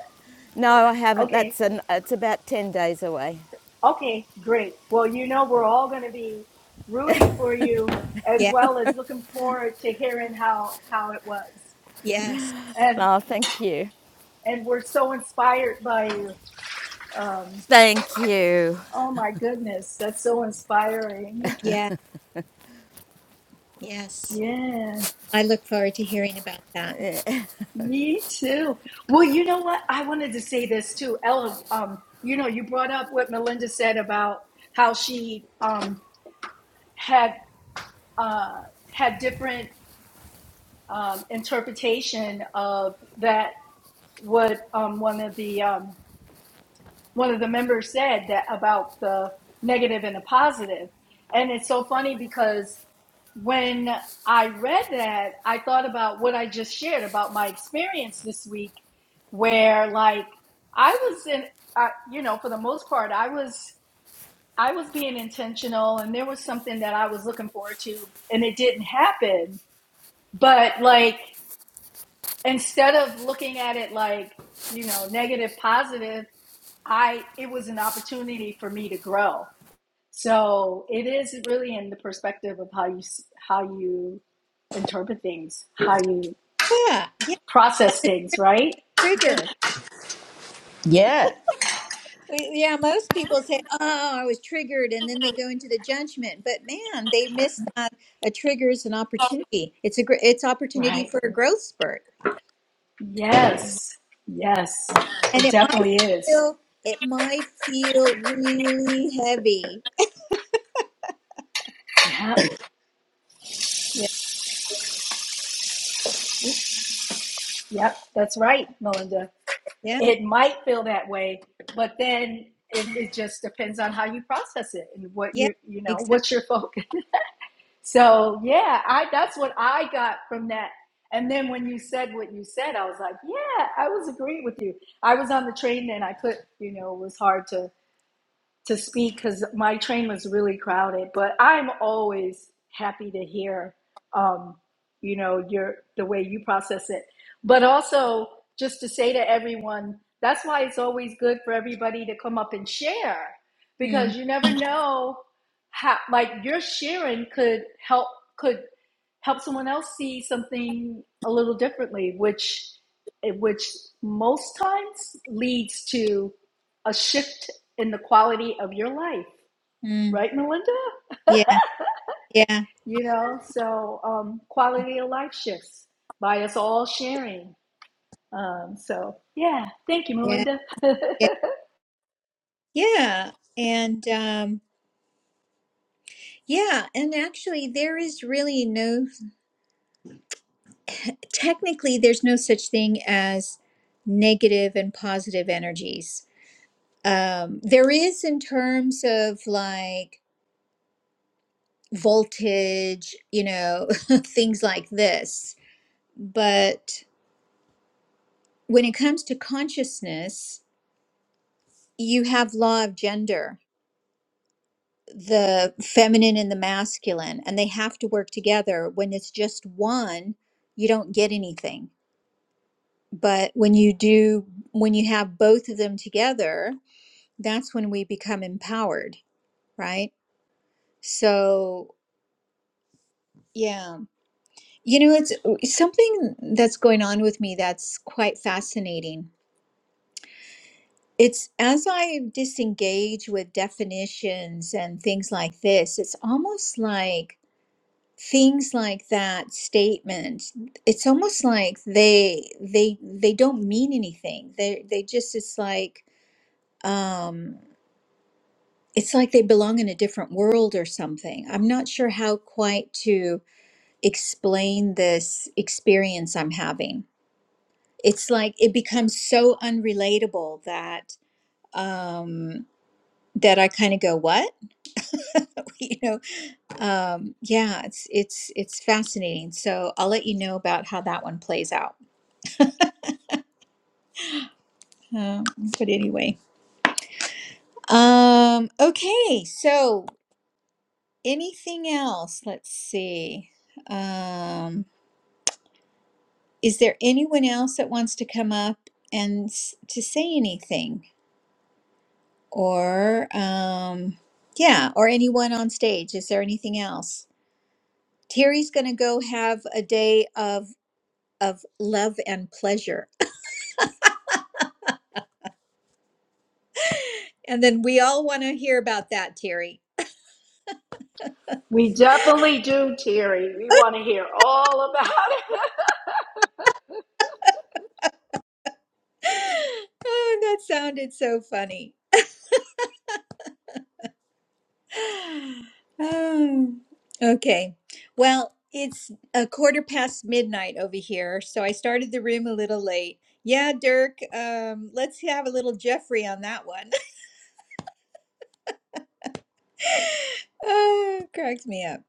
S6: no, I haven't.
S2: Okay.
S6: That's an. It's about ten days away.
S2: Okay, great. Well, you know we're all going to be rooting for you as
S1: yeah,
S2: well as looking forward to hearing how how it was.
S1: yes,
S2: And
S6: Oh, thank you.
S2: and we're so inspired by you. Um
S6: Thank you.
S2: oh my goodness, that's so inspiring.
S1: yeah, yes.
S2: Yeah.
S1: I look forward to hearing about that.
S6: Yeah.
S2: Me too. Well, you know what? I wanted to say this too, Ella. Um, you know, you brought up what Melinda said about how she um, had uh, had different um, interpretation of that. What um, one of the um, one of the members said that about the negative and the positive, and it's so funny because when I read that, I thought about what I just shared about my experience this week, where like I was in, uh, you know, for the most part, I was I was being intentional, and there was something that I was looking forward to, and it didn't happen. But like instead of looking at it like you know negative positive, I it was an opportunity for me to grow so it is really in the perspective of how you how you interpret things, how you
S1: Yeah, yeah,
S2: process things, right? Yeah.
S1: trigger.
S6: Yeah.
S1: Uh, Yeah, most people say, "Oh, I was triggered," and then they go into the judgment. But man, they miss that a trigger is an opportunity. It's a gr- it's opportunity
S2: Right.
S1: for a growth spurt,
S2: Yes. Yes.
S1: and
S2: It
S1: it might
S2: definitely is.
S1: feel it might feel really heavy.
S2: Yep.
S1: Yeah,
S2: Yep. That's right, Melinda.
S1: yeah,
S2: It might feel that way, but then it, it just depends on how you process it and what
S1: yeah,
S2: you you know
S1: exactly.
S2: what's your fo- So yeah, I that's what I got from that. And then when you said what you said, I was like, yeah, I was agreeing with you. I was on the train and I put, you know, it was hard to to speak because my train was really crowded. But I'm always happy to hear, um, you know, your the way you process it. But also, just to say to everyone, that's why it's always good for everybody to come up and share
S1: Mm,
S2: because you never know how, like your sharing could help could help someone else see something a little differently, which eh, which most times leads to a shift in the quality of your life,
S1: mm.
S2: right, Melinda?
S1: Yeah, yeah,
S2: You know, so um, quality of life shifts by us all sharing. Um, so, yeah, thank you,
S1: yeah,
S2: Melinda.
S1: yeah. Yeah, and um, yeah, and actually, there is really no, technically, there's no such thing as negative and positive energies. Um, there is in terms of like voltage, you know, things like this. But when it comes to consciousness, you have law of gender the feminine and the masculine and they have to work together when it's just one you don't get anything but when you do when you have both of them together that's when we become empowered right so yeah you know it's it's something that's going on with me that's quite fascinating it's as i disengage with definitions and things like this it's almost like things like that statement it's almost like they they they don't mean anything they they just it's like um it's like they belong in a different world or something i'm not sure how quite to explain this experience i'm having it's like it becomes so unrelatable that um that i kind of go what you know um yeah it's it's it's fascinating so i'll let you know about how that one plays out Um, but anyway, um, okay. So, anything else? Let's see. Um, is there anyone else that wants to come up and s- to say anything, or um, yeah, or anyone on stage? Is there anything else? Terry's going to go have a day of of love and pleasure, and then we all want to hear about that, Terry.
S2: we definitely do, Terry. We want to hear all about it.
S1: oh, that sounded so funny. Oh, okay. Well, it's a quarter past midnight over here, so I started the room a little late. Yeah, Dirk, um, let's have a little Jeffrey on that one. Oh, it cracks me up.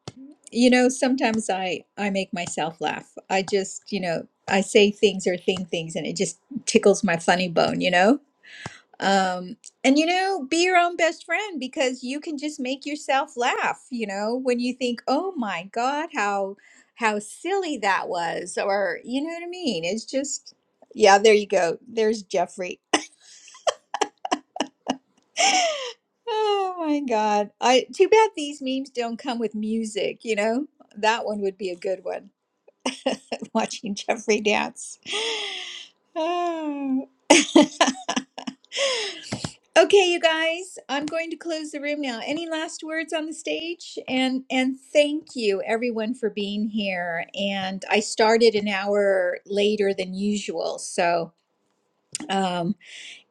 S1: You know, sometimes I I make myself laugh. I just, you know, I say things or think things and it just tickles my funny bone, you know? um and you know be your own best friend because you can just make yourself laugh you know when you think oh my god how how silly that was or you know what i mean it's just yeah there you go there's jeffrey oh my god i too bad these memes don't come with music you know that one would be a good one watching jeffrey dance Oh. Okay, you guys, I'm going to close the room now. Any last words on the stage? And and thank you everyone for being here. And I started an hour later than usual, so um,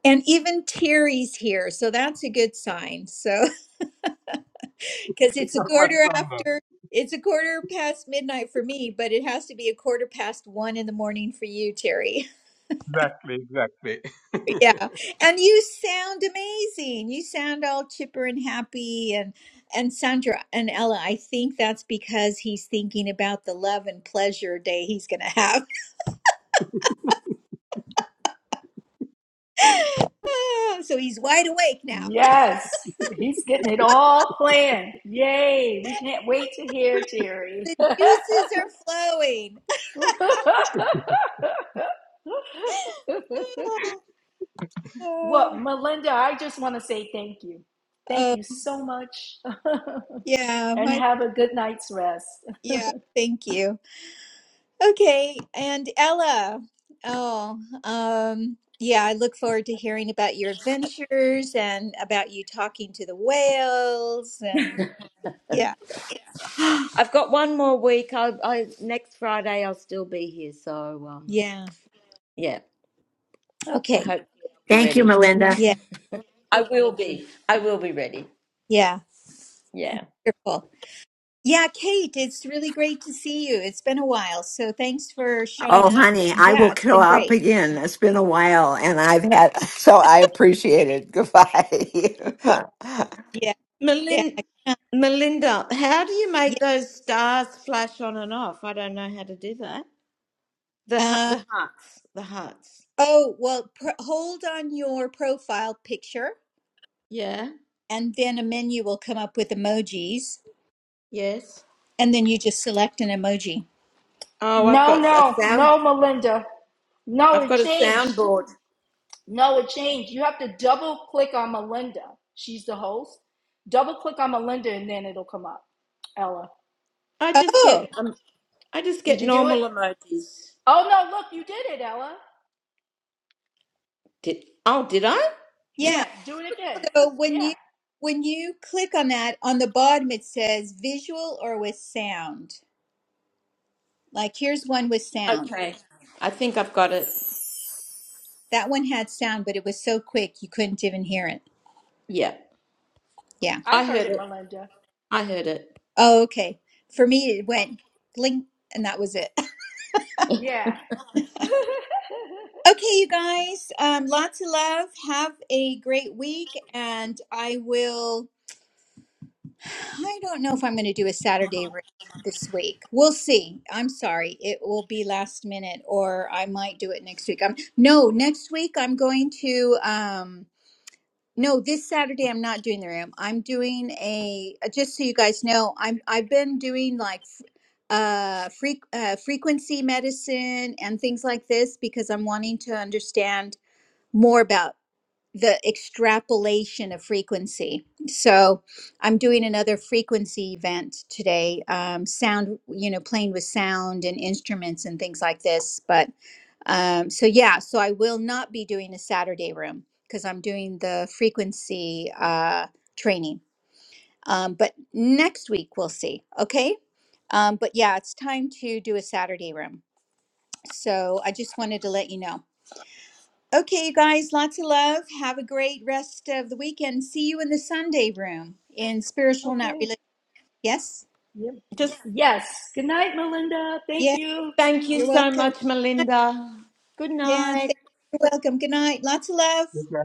S1: and even Terry's here, so that's a good sign. So because it's a
S4: Not much
S1: quarter
S4: longer.
S1: after. It's a quarter past midnight for me, but it has to be a quarter past one in the morning for you, Terry.
S4: Exactly. Exactly.
S1: Yeah. And you sound amazing. You sound all chipper and happy and and Sandra and Ella, I think that's because he's thinking about the love and pleasure day he's going to have. Ah, so he's wide awake now.
S2: yes, he's getting it all planned. Yay, we can't wait to hear Terry.
S1: The juices are flowing. Oh, oh,
S2: well, Melinda, I just want to say thank you. Thank
S1: oh,
S2: you so much
S1: yeah,
S2: and
S1: my
S2: have a good night's rest.
S1: yeah, thank you. Okay, and Ella. Oh, um, yeah, I look forward to hearing about your adventures and about you talking to the whales and yeah,
S6: I've got one more week. I, I next Friday I'll still be here. So um,
S1: yeah.
S6: Yeah. I
S1: Okay.
S6: hope I'll be
S3: Thank you,
S6: ready.
S3: Melinda.
S1: Yeah,
S6: I will be. I will be ready.
S1: yeah.
S6: Yeah.
S1: Wonderful. Yeah, Kate, it's really great to see you. It's been a while. So thanks for showing
S3: Oh,
S1: up
S3: honey,
S1: and
S3: I will
S1: yeah, it's
S3: go
S1: been
S3: up
S1: great.
S3: again. It's been a while, and I've had so I appreciate it. Goodbye.
S1: Yeah, yeah.
S6: Melin-
S1: uh,
S6: Melinda, how do you make
S1: Yeah.
S6: those stars flash on and off? I don't know how to do that. The hu-
S1: Uh,
S6: the hearts, the hearts.
S1: oh, well, pr hold on your profile picture
S6: Yeah.
S1: and then a menu will come up with emojis.
S6: Yes.
S1: and then you just select an emoji.
S6: Oh, I've
S2: No,
S6: got a
S2: no,
S6: sound.
S2: no, Melinda. No,
S6: I've
S2: it
S6: got a
S2: changed.
S6: soundboard.
S2: No, it changed. You have to double click on Melinda. She's the host. Double click on Melinda and then it'll come up. Ella,
S6: I just
S1: Oh,
S6: get um, I just
S2: did
S6: get
S2: you do it?
S6: normal emojis.
S2: Oh, no, look, you did it, Ella.
S6: Did oh, did I?
S1: yeah.
S2: Yeah, do it again.
S1: So when
S2: Yeah,
S1: you when you click on that on the bottom it says visual or with sound. Like here's one with sound.
S6: Okay. I think I've got it.
S1: That one had sound but it was so quick you couldn't even hear it.
S6: Yeah,
S1: Yeah.
S2: I
S6: I
S2: heard
S6: heard
S2: it,
S6: it.
S2: Melinda.
S6: I heard it.
S1: Oh, okay. For me it went blink and that was it.
S2: Yeah.
S1: okay, you guys. Um lots of love. Have a great week and I will I don't know if I'm going to do a Saturday room this week. We'll see. I'm sorry. It will be last minute or I might do it next week. I'm No, next week I'm going to um no, this Saturday I'm not doing the room. I'm doing a uh, just so you guys know, I'm I've been doing like f- uh, freq uh frequency medicine and things like this because I'm wanting to understand more about the extrapolation of frequency. So I'm doing another frequency event today. Um, sound, you know, playing with sound and instruments and things like this. But um, so yeah, so I will not be doing a Saturday room because I'm doing the frequency uh, training. Um, but next week we'll see. Okay. Um, but yeah, it's time to do a Saturday room. So I just wanted to let you know. Okay, you guys, lots of love. Have a great rest of the weekend. See you in the Sunday room in Spiritual Not
S2: okay.
S1: Religious. Yes?
S2: Yep.
S6: Just.
S2: Yes. Good night, Melinda. Thank
S1: Yeah,
S2: you.
S6: Thank you
S1: you're
S6: so
S1: welcome.
S6: much, Melinda. Good
S1: Yeah,
S6: night.
S1: thank- you. you're welcome. Good night. Lots of love.
S4: Okay